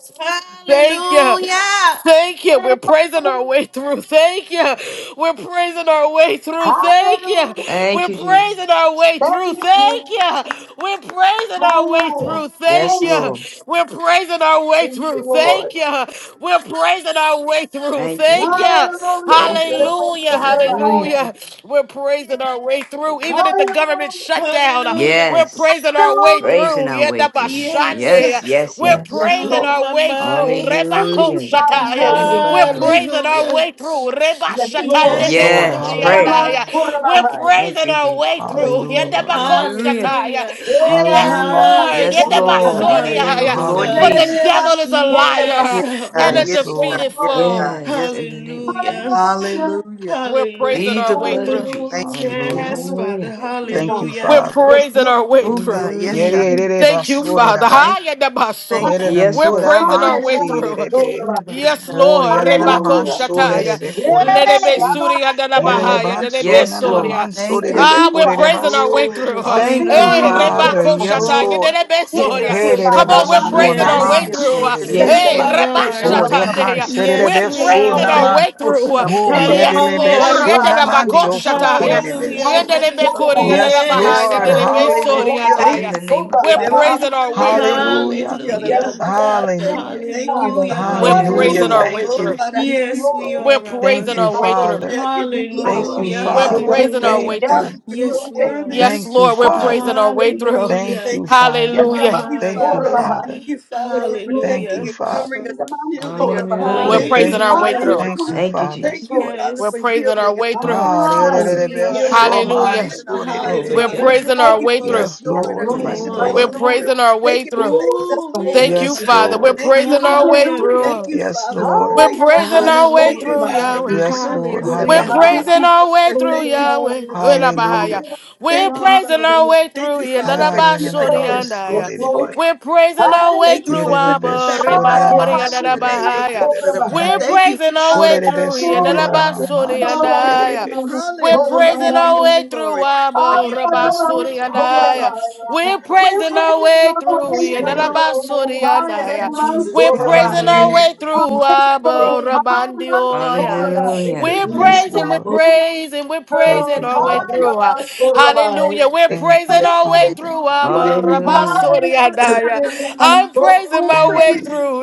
Speaker 1: Thank you.
Speaker 2: Hallelujah.
Speaker 1: Thank you. We're
Speaker 3: Hallelujah.
Speaker 1: praising our way through. Thank you. We're praising our way through. Thank you.
Speaker 3: Hallelujah.
Speaker 1: We're
Speaker 6: Thank you, Jesus.
Speaker 1: praising our way
Speaker 3: Thank
Speaker 1: through. Thank
Speaker 3: you.
Speaker 1: you. We're praising our way
Speaker 3: Hallelujah.
Speaker 1: through. Thank
Speaker 6: Yes,
Speaker 3: Thank
Speaker 1: you.
Speaker 6: Lord.
Speaker 3: you.
Speaker 1: We're praising our way through.
Speaker 3: Thank you,
Speaker 1: Thank
Speaker 3: Lord.
Speaker 1: you. We're praising our way through.
Speaker 6: Thank you,
Speaker 1: Thank
Speaker 6: Jesus.
Speaker 1: you.
Speaker 3: Hallelujah.
Speaker 6: Thank you, Lord.
Speaker 1: Hallelujah.
Speaker 6: Hallelujah.
Speaker 1: Hallelujah. We're praising our way through. Even if the government
Speaker 3: Hallelujah.
Speaker 1: shut down.
Speaker 2: Hallelujah.
Speaker 1: We're
Speaker 6: Yes.
Speaker 1: praising our way
Speaker 3: Hallelujah.
Speaker 6: Praising
Speaker 1: through.
Speaker 6: our way
Speaker 1: Yeta
Speaker 6: through.
Speaker 2: Yes.
Speaker 6: Yes, yes,
Speaker 1: We're
Speaker 6: yes.
Speaker 3: Yes,
Speaker 1: praising
Speaker 2: Oh,
Speaker 3: Lord.
Speaker 1: our
Speaker 2: my
Speaker 1: way through.
Speaker 2: my!
Speaker 3: Thank
Speaker 1: Rebako
Speaker 3: you,
Speaker 6: Hallelujah. You go
Speaker 3: mighty
Speaker 1: shataya.
Speaker 6: stand up
Speaker 3: Savior.
Speaker 1: We're
Speaker 6: behind you.
Speaker 1: praising our
Speaker 2: Hallelujah.
Speaker 1: way through. Reba
Speaker 3: Yes, Lord.
Speaker 1: shatande
Speaker 5: Yes,
Speaker 2: Yes,
Speaker 5: Lord.
Speaker 6: Yes,
Speaker 2: Father.
Speaker 6: pray.
Speaker 5: Hallelujah.
Speaker 1: besuriandaya. We're
Speaker 3: Yamasurabai.
Speaker 6: Thank
Speaker 1: praising
Speaker 6: you,
Speaker 1: our way
Speaker 3: Yes,
Speaker 6: Jesus.
Speaker 1: through.
Speaker 3: Lord.
Speaker 1: Yeta
Speaker 5: Hallelujah.
Speaker 1: bako
Speaker 6: Hallelujah.
Speaker 1: shataya.
Speaker 2: Hallelujah.
Speaker 1: Yes,
Speaker 5: Hallelujah.
Speaker 1: Lord.
Speaker 6: Yes,
Speaker 1: Yeta
Speaker 2: Hallelujah.
Speaker 6: Lord, in
Speaker 3: Yamasurabai.
Speaker 6: the name of the Lord
Speaker 1: For
Speaker 2: Hallelujah.
Speaker 1: the
Speaker 5: Hallelujah.
Speaker 6: Jesus.
Speaker 1: devil is a
Speaker 2: Yes,
Speaker 1: liar
Speaker 4: Yes,
Speaker 3: Yamasurabai.
Speaker 1: and
Speaker 4: God.
Speaker 1: a
Speaker 2: Abba.
Speaker 5: Yes,
Speaker 4: Yes,
Speaker 3: Yes,
Speaker 4: God.
Speaker 1: defeated
Speaker 5: Lord.
Speaker 4: Yes,
Speaker 3: Lord.
Speaker 1: foe.
Speaker 4: God.
Speaker 6: Yes,
Speaker 4: Yes.
Speaker 6: in the name of
Speaker 2: Hallelujah.
Speaker 6: Jesus.
Speaker 3: Hallelujah.
Speaker 4: Hallelujah.
Speaker 1: We're
Speaker 4: Thank
Speaker 1: praising
Speaker 2: Hallelujah,
Speaker 6: Lead
Speaker 1: our
Speaker 6: the
Speaker 1: way
Speaker 4: you.
Speaker 6: blood of
Speaker 2: Father.
Speaker 1: through.
Speaker 4: Jesus.
Speaker 6: Jesus.
Speaker 4: Thank
Speaker 3: Hallelujah.
Speaker 4: you,
Speaker 5: Hallelujah.
Speaker 4: Jesus.
Speaker 2: Yes,
Speaker 3: Hallelujah.
Speaker 2: Father.
Speaker 6: Hallelujah.
Speaker 3: Thank you,
Speaker 4: Thank
Speaker 5: Thank you,
Speaker 3: Father.
Speaker 2: Hallelujah.
Speaker 1: We're
Speaker 5: Father.
Speaker 3: Yes,
Speaker 1: praising
Speaker 3: Lord.
Speaker 1: our
Speaker 4: you.
Speaker 1: way
Speaker 4: Oh,
Speaker 1: through.
Speaker 4: God. Yes, God.
Speaker 3: Thank
Speaker 6: Hallelujah. You
Speaker 3: you.
Speaker 4: Thank
Speaker 6: go
Speaker 3: Thank
Speaker 1: Thank
Speaker 3: you,
Speaker 1: you,
Speaker 6: stand up
Speaker 3: Lord.
Speaker 1: Father.
Speaker 6: behind
Speaker 4: you.
Speaker 6: you.
Speaker 5: Yerererebasoriraba.
Speaker 4: Thank you.
Speaker 1: Hi, Yadabaso.
Speaker 4: Thank you.
Speaker 3: Father.
Speaker 6: Yes,
Speaker 1: We're
Speaker 6: Lord.
Speaker 1: praising
Speaker 3: Hallelujah.
Speaker 1: our way through.
Speaker 4: Yes,
Speaker 5: Yerenamoramansirirebe.
Speaker 6: Stand
Speaker 3: Yamasurabai.
Speaker 4: God.
Speaker 6: up
Speaker 4: Yes,
Speaker 1: Yes,
Speaker 6: behind
Speaker 4: God.
Speaker 1: Lord.
Speaker 4: Oh,
Speaker 1: Rebako
Speaker 3: Hallelujah.
Speaker 6: you.
Speaker 1: Shataya.
Speaker 6: Yes, Lord
Speaker 3: Yeah.
Speaker 6: Jesus.
Speaker 4: thank
Speaker 1: Lelebe
Speaker 4: you.
Speaker 5: Orianananamansorerebekorebasi.
Speaker 1: Suria
Speaker 4: Oh,
Speaker 3: Yamasurabai.
Speaker 1: Danabahaya.
Speaker 4: God.
Speaker 1: Lelebe
Speaker 6: Yes, Lord.
Speaker 1: Soria.
Speaker 4: Thank you,
Speaker 3: Thank
Speaker 4: Father.
Speaker 1: Ah,
Speaker 3: you,
Speaker 1: we're
Speaker 3: Father.
Speaker 1: praising our
Speaker 5: Yererebansorananamansorerebekorerebaso.
Speaker 1: way
Speaker 4: Oh,
Speaker 1: through.
Speaker 4: yes, God.
Speaker 5: Thank
Speaker 4: Give
Speaker 5: you,
Speaker 1: Hey,
Speaker 4: you
Speaker 6: Hallelujah.
Speaker 4: glory.
Speaker 5: Father.
Speaker 1: Rebako
Speaker 5: Yes,
Speaker 3: Namaskar.
Speaker 1: Shataya.
Speaker 4: Oh,
Speaker 5: Lord.
Speaker 4: God.
Speaker 1: Lelebe
Speaker 4: Yes,
Speaker 1: Soria.
Speaker 3: Thank
Speaker 4: God.
Speaker 2: Yes.
Speaker 3: you,
Speaker 4: Thank
Speaker 1: Come
Speaker 6: Gosanda
Speaker 1: on,
Speaker 3: Father.
Speaker 1: we're
Speaker 4: thank
Speaker 1: praising
Speaker 4: you.
Speaker 1: our
Speaker 6: Bahaya.
Speaker 4: Thank
Speaker 2: Yes.
Speaker 1: way
Speaker 4: you.
Speaker 1: through.
Speaker 4: Thank you.
Speaker 3: Get
Speaker 5: Hererebesonamansorerebe.
Speaker 4: Thank
Speaker 6: Yes,
Speaker 2: Yes,
Speaker 3: the
Speaker 1: Hey,
Speaker 2: we
Speaker 6: Lord.
Speaker 3: most
Speaker 4: you. Thank you.
Speaker 2: are.
Speaker 5: Oh,
Speaker 4: Lord,
Speaker 5: they
Speaker 4: of my
Speaker 6: Gosanda,
Speaker 5: can
Speaker 3: horrible.
Speaker 5: set
Speaker 1: Rebashatanea.
Speaker 6: forgive
Speaker 5: it
Speaker 6: me
Speaker 5: a
Speaker 4: Sunday.
Speaker 1: We're
Speaker 2: Yes,
Speaker 6: for
Speaker 5: bit
Speaker 2: we
Speaker 4: Thank
Speaker 3: Yes,
Speaker 5: so
Speaker 4: you.
Speaker 1: praising
Speaker 3: Lord.
Speaker 4: Lord,
Speaker 2: are.
Speaker 1: our
Speaker 4: of
Speaker 5: naman.
Speaker 1: way
Speaker 4: my Lord,
Speaker 1: through.
Speaker 4: of
Speaker 5: Oh,
Speaker 3: Get
Speaker 4: Lord.
Speaker 5: yeah,
Speaker 3: the
Speaker 5: they
Speaker 1: Yes,
Speaker 6: this.
Speaker 3: most
Speaker 5: le
Speaker 1: Lord.
Speaker 5: best
Speaker 2: Hallelujah.
Speaker 5: so naman.
Speaker 3: horrible.
Speaker 5: They
Speaker 1: Yedanabako
Speaker 4: Thank you. Lord, of Lord.
Speaker 5: also call
Speaker 3: Get
Speaker 1: Shataya.
Speaker 5: it a
Speaker 3: the
Speaker 5: bit
Speaker 6: Gosanda
Speaker 2: Hallelujah.
Speaker 5: so.
Speaker 4: Thank
Speaker 3: most
Speaker 6: Bahaya.
Speaker 4: you.
Speaker 1: Yedanebe Koria
Speaker 3: horrible.
Speaker 5: Yes,
Speaker 4: Thank you,
Speaker 6: Yes,
Speaker 2: Yes,
Speaker 1: Danabahaya.
Speaker 5: Lord.
Speaker 4: Jesus.
Speaker 3: Yes,
Speaker 2: Abba.
Speaker 6: Lord.
Speaker 1: Lelebe
Speaker 3: Lord.
Speaker 1: Soria
Speaker 5: Hallelujah.
Speaker 4: Thank
Speaker 6: In
Speaker 1: Daya.
Speaker 6: the name of
Speaker 1: We're
Speaker 6: Jesus.
Speaker 3: Namaskar.
Speaker 1: praising our way through.
Speaker 5: Hallelujah.
Speaker 6: Thank you,
Speaker 3: Yes,
Speaker 2: Hallelujah.
Speaker 6: Lord.
Speaker 3: Lord. Thank
Speaker 5: Hallelujah.
Speaker 3: you,
Speaker 4: you,
Speaker 3: Father.
Speaker 4: Father.
Speaker 2: Hallelujah.
Speaker 1: We're
Speaker 4: Thank
Speaker 5: Hallelujah.
Speaker 1: praising
Speaker 4: you.
Speaker 1: our
Speaker 2: Hallelujah.
Speaker 3: Hallelujah.
Speaker 6: Hallelujah.
Speaker 1: way
Speaker 5: Thank
Speaker 4: Oh
Speaker 1: through.
Speaker 5: you.
Speaker 4: God, I
Speaker 3: Thank
Speaker 4: give
Speaker 3: you,
Speaker 4: you
Speaker 2: Yes,
Speaker 3: Lord.
Speaker 2: we
Speaker 4: glory.
Speaker 1: We're
Speaker 2: are,
Speaker 4: I
Speaker 5: Thank
Speaker 2: Abba.
Speaker 1: praising
Speaker 4: give you
Speaker 5: you,
Speaker 1: our way
Speaker 3: Father.
Speaker 1: through.
Speaker 4: glory.
Speaker 5: Father.
Speaker 4: I give you
Speaker 3: Thank you,
Speaker 4: glory.
Speaker 5: Thank
Speaker 6: Yes,
Speaker 3: Abba.
Speaker 5: you,
Speaker 2: Hallelujah.
Speaker 4: I
Speaker 1: We're
Speaker 3: Your
Speaker 4: give
Speaker 5: Father.
Speaker 4: you
Speaker 6: Jesus.
Speaker 3: word.
Speaker 1: praising our
Speaker 4: glory,
Speaker 1: way
Speaker 2: Hallelujah.
Speaker 5: Thank
Speaker 4: God.
Speaker 1: through.
Speaker 3: Yes,
Speaker 5: you.
Speaker 4: You're
Speaker 2: Yes,
Speaker 3: Lord.
Speaker 4: so
Speaker 2: we
Speaker 3: Thank
Speaker 4: worthy.
Speaker 3: you.
Speaker 2: are.
Speaker 4: You're
Speaker 1: Yes,
Speaker 5: Thank
Speaker 4: so
Speaker 5: you,
Speaker 1: Lord,
Speaker 4: awesome.
Speaker 1: we're
Speaker 3: Oh, Holy
Speaker 1: praising
Speaker 4: I
Speaker 5: Father.
Speaker 1: our way
Speaker 4: thank
Speaker 3: Spirit,
Speaker 4: you.
Speaker 3: bless
Speaker 1: through.
Speaker 3: you.
Speaker 5: Thank
Speaker 2: Hallelujah.
Speaker 5: you,
Speaker 4: Thank you
Speaker 5: Father.
Speaker 1: Hallelujah.
Speaker 4: Thank you,
Speaker 2: Mama,
Speaker 5: Thank you,
Speaker 4: Father.
Speaker 2: Abba.
Speaker 3: Yes,
Speaker 4: Thank
Speaker 5: Father.
Speaker 4: you, Father, for
Speaker 3: Yes, Lord.
Speaker 5: Thank
Speaker 4: protecting
Speaker 5: you,
Speaker 2: Hallelujah.
Speaker 4: and
Speaker 3: To
Speaker 4: covering
Speaker 5: Father.
Speaker 3: The
Speaker 4: us and
Speaker 3: demands
Speaker 4: shielding us.
Speaker 3: for
Speaker 1: We're
Speaker 5: Oh,
Speaker 6: Hallelujah.
Speaker 4: Thank you,
Speaker 1: praising
Speaker 5: thank
Speaker 1: our way
Speaker 4: Father,
Speaker 5: you.
Speaker 2: Hallelujah.
Speaker 1: through.
Speaker 4: Lord
Speaker 5: Thank
Speaker 3: Hallelujah,
Speaker 5: you,
Speaker 4: God.
Speaker 6: Thank you,
Speaker 5: Father.
Speaker 4: Thank
Speaker 6: Jesus.
Speaker 4: you,
Speaker 3: Lord.
Speaker 4: Father,
Speaker 1: We're
Speaker 4: for
Speaker 2: Yes.
Speaker 1: praising our
Speaker 4: healing.
Speaker 1: way through.
Speaker 4: Thank
Speaker 5: Ah,
Speaker 4: you,
Speaker 5: re- re-
Speaker 2: Yes,
Speaker 5: re-
Speaker 4: Father,
Speaker 3: Hallelujah.
Speaker 5: re-
Speaker 4: for
Speaker 2: we
Speaker 5: be-
Speaker 3: Yes,
Speaker 2: are.
Speaker 4: healing
Speaker 5: so
Speaker 4: our
Speaker 3: Father, we
Speaker 5: man,
Speaker 1: Hallelujah.
Speaker 4: bodies
Speaker 3: thank
Speaker 4: and
Speaker 3: you.
Speaker 4: our
Speaker 5: so re- re-
Speaker 4: minds,
Speaker 6: Glory
Speaker 5: be.
Speaker 1: We're
Speaker 6: to
Speaker 4: Father.
Speaker 2: Hallelujah.
Speaker 3: Thank
Speaker 6: God.
Speaker 3: you,
Speaker 1: praising our
Speaker 4: Thank you
Speaker 3: Lord.
Speaker 1: way
Speaker 4: for
Speaker 1: through.
Speaker 5: Yes,
Speaker 3: Yes,
Speaker 4: restoring
Speaker 5: Lord.
Speaker 4: us
Speaker 6: In the
Speaker 2: Come
Speaker 4: to
Speaker 3: Lord.
Speaker 5: Yes,
Speaker 6: name
Speaker 4: good
Speaker 6: of
Speaker 2: on.
Speaker 4: health,
Speaker 1: We're
Speaker 6: Jesus.
Speaker 5: Lord.
Speaker 4: Father.
Speaker 3: Hallelujah.
Speaker 1: praising our way
Speaker 4: Thank you
Speaker 1: through.
Speaker 4: for
Speaker 3: Ooh,
Speaker 4: making us
Speaker 2: Ooh,
Speaker 3: Lord, I
Speaker 4: whole,
Speaker 1: Thank
Speaker 2: we.
Speaker 3: thank
Speaker 1: you,
Speaker 5: Yes,
Speaker 4: Father.
Speaker 3: you.
Speaker 1: Father. We're
Speaker 5: Lord.
Speaker 4: Thank you,
Speaker 1: praising
Speaker 4: Father.
Speaker 1: our way
Speaker 2: Hallelujah.
Speaker 3: Hallelujah.
Speaker 4: Thank
Speaker 1: through.
Speaker 4: you,
Speaker 5: Yes,
Speaker 4: Father, for
Speaker 5: Lord.
Speaker 1: We're
Speaker 3: Hallelujah.
Speaker 1: praising
Speaker 4: breakthrough.
Speaker 1: our way
Speaker 4: Thank
Speaker 2: Hallelujah.
Speaker 4: you,
Speaker 1: through,
Speaker 4: Father,
Speaker 3: Rabbi.
Speaker 1: Yahweh.
Speaker 4: for
Speaker 5: Yes, Lord.
Speaker 4: deliverance.
Speaker 3: Ooh,
Speaker 1: We're
Speaker 2: Hallelujah.
Speaker 3: Rabbi.
Speaker 4: Thank
Speaker 5: Hallelujah.
Speaker 1: praising
Speaker 4: you,
Speaker 3: I'm
Speaker 1: our way
Speaker 4: Father.
Speaker 3: so
Speaker 1: through
Speaker 4: Thank you,
Speaker 1: Yahweh.
Speaker 3: glad.
Speaker 4: Father. Thank you,
Speaker 5: Hallelujah.
Speaker 1: Elabahaya.
Speaker 3: Hallelujah.
Speaker 4: Father.
Speaker 1: We're
Speaker 4: Thank you,
Speaker 1: praising
Speaker 4: Father.
Speaker 1: our
Speaker 3: Hallelujah.
Speaker 1: way
Speaker 4: Thank
Speaker 1: through
Speaker 4: you,
Speaker 1: here.
Speaker 4: Father,
Speaker 5: Ah,
Speaker 4: for
Speaker 5: re- re- re-
Speaker 4: healing
Speaker 1: Dadabashori
Speaker 5: man,
Speaker 1: and
Speaker 5: so
Speaker 1: Aya.
Speaker 4: the
Speaker 3: Yes,
Speaker 5: re- re-
Speaker 3: Lord.
Speaker 5: be.
Speaker 1: We're
Speaker 4: brokenness,
Speaker 1: praising
Speaker 4: Father.
Speaker 1: our
Speaker 3: Hallelujah.
Speaker 1: way
Speaker 4: Thank you
Speaker 5: Ye-
Speaker 1: through
Speaker 5: re-
Speaker 4: for
Speaker 5: re-
Speaker 4: putting us
Speaker 5: be,
Speaker 1: Abba
Speaker 4: back
Speaker 5: so re- re-
Speaker 4: together,
Speaker 1: Rebakori
Speaker 5: man,
Speaker 1: and
Speaker 4: Father, in
Speaker 5: so
Speaker 3: Oh,
Speaker 4: the
Speaker 5: re- re-
Speaker 4: name
Speaker 5: be,
Speaker 4: of
Speaker 5: ko re- re-
Speaker 4: Jesus.
Speaker 1: Dadabahaya.
Speaker 5: ba.
Speaker 1: We're
Speaker 3: Lord,
Speaker 4: Thank you,
Speaker 1: praising our
Speaker 5: Sho re-
Speaker 1: way
Speaker 4: Father.
Speaker 5: re- be,
Speaker 1: through
Speaker 4: Thank you,
Speaker 1: here.
Speaker 5: so
Speaker 4: Father.
Speaker 5: re- re-
Speaker 4: I give
Speaker 5: man,
Speaker 1: Dadabashori
Speaker 4: you
Speaker 5: man,
Speaker 1: and
Speaker 5: so ko
Speaker 4: glory.
Speaker 5: re- re-
Speaker 1: Aya.
Speaker 5: be.
Speaker 1: We're
Speaker 4: Hallelujah.
Speaker 1: praising
Speaker 4: I
Speaker 1: our
Speaker 4: give
Speaker 1: way
Speaker 4: you
Speaker 1: through
Speaker 4: glory. I give
Speaker 1: Wabo
Speaker 4: you glory.
Speaker 5: Yes,
Speaker 4: I
Speaker 1: Rabasuri
Speaker 5: Lord.
Speaker 4: give
Speaker 1: and
Speaker 4: you glory.
Speaker 1: I. We're praising our way through
Speaker 5: Yes,
Speaker 4: Glory.
Speaker 5: Lord.
Speaker 1: Yandarabasuri
Speaker 4: Oh,
Speaker 1: and
Speaker 4: thank
Speaker 1: I.
Speaker 4: you, Jesus.
Speaker 1: We're
Speaker 4: Thank
Speaker 1: praising our
Speaker 5: Hallelujah.
Speaker 1: way
Speaker 4: you,
Speaker 1: through
Speaker 4: Jesus. Thank
Speaker 1: Wabo Rabandi
Speaker 4: you.
Speaker 1: Oya.
Speaker 6: Hallelujah.
Speaker 1: We're
Speaker 4: Hallelujah.
Speaker 5: Yes,
Speaker 1: praising, we're
Speaker 5: Lord.
Speaker 4: Oh,
Speaker 3: Rabbi,
Speaker 1: praising, we're
Speaker 4: thank
Speaker 5: Thank
Speaker 4: you.
Speaker 1: praising
Speaker 5: you,
Speaker 1: our way
Speaker 4: Thank
Speaker 5: Father.
Speaker 1: through. uh, Hallelujah. We're
Speaker 4: you. Thank
Speaker 5: Thank you,
Speaker 1: praising
Speaker 4: you.
Speaker 1: our way
Speaker 4: Thank
Speaker 5: Father.
Speaker 1: through
Speaker 3: we're
Speaker 4: you.
Speaker 1: Wabo
Speaker 6: Hallelujah.
Speaker 1: I'm praising my
Speaker 5: Thank
Speaker 1: way
Speaker 5: you.
Speaker 1: through.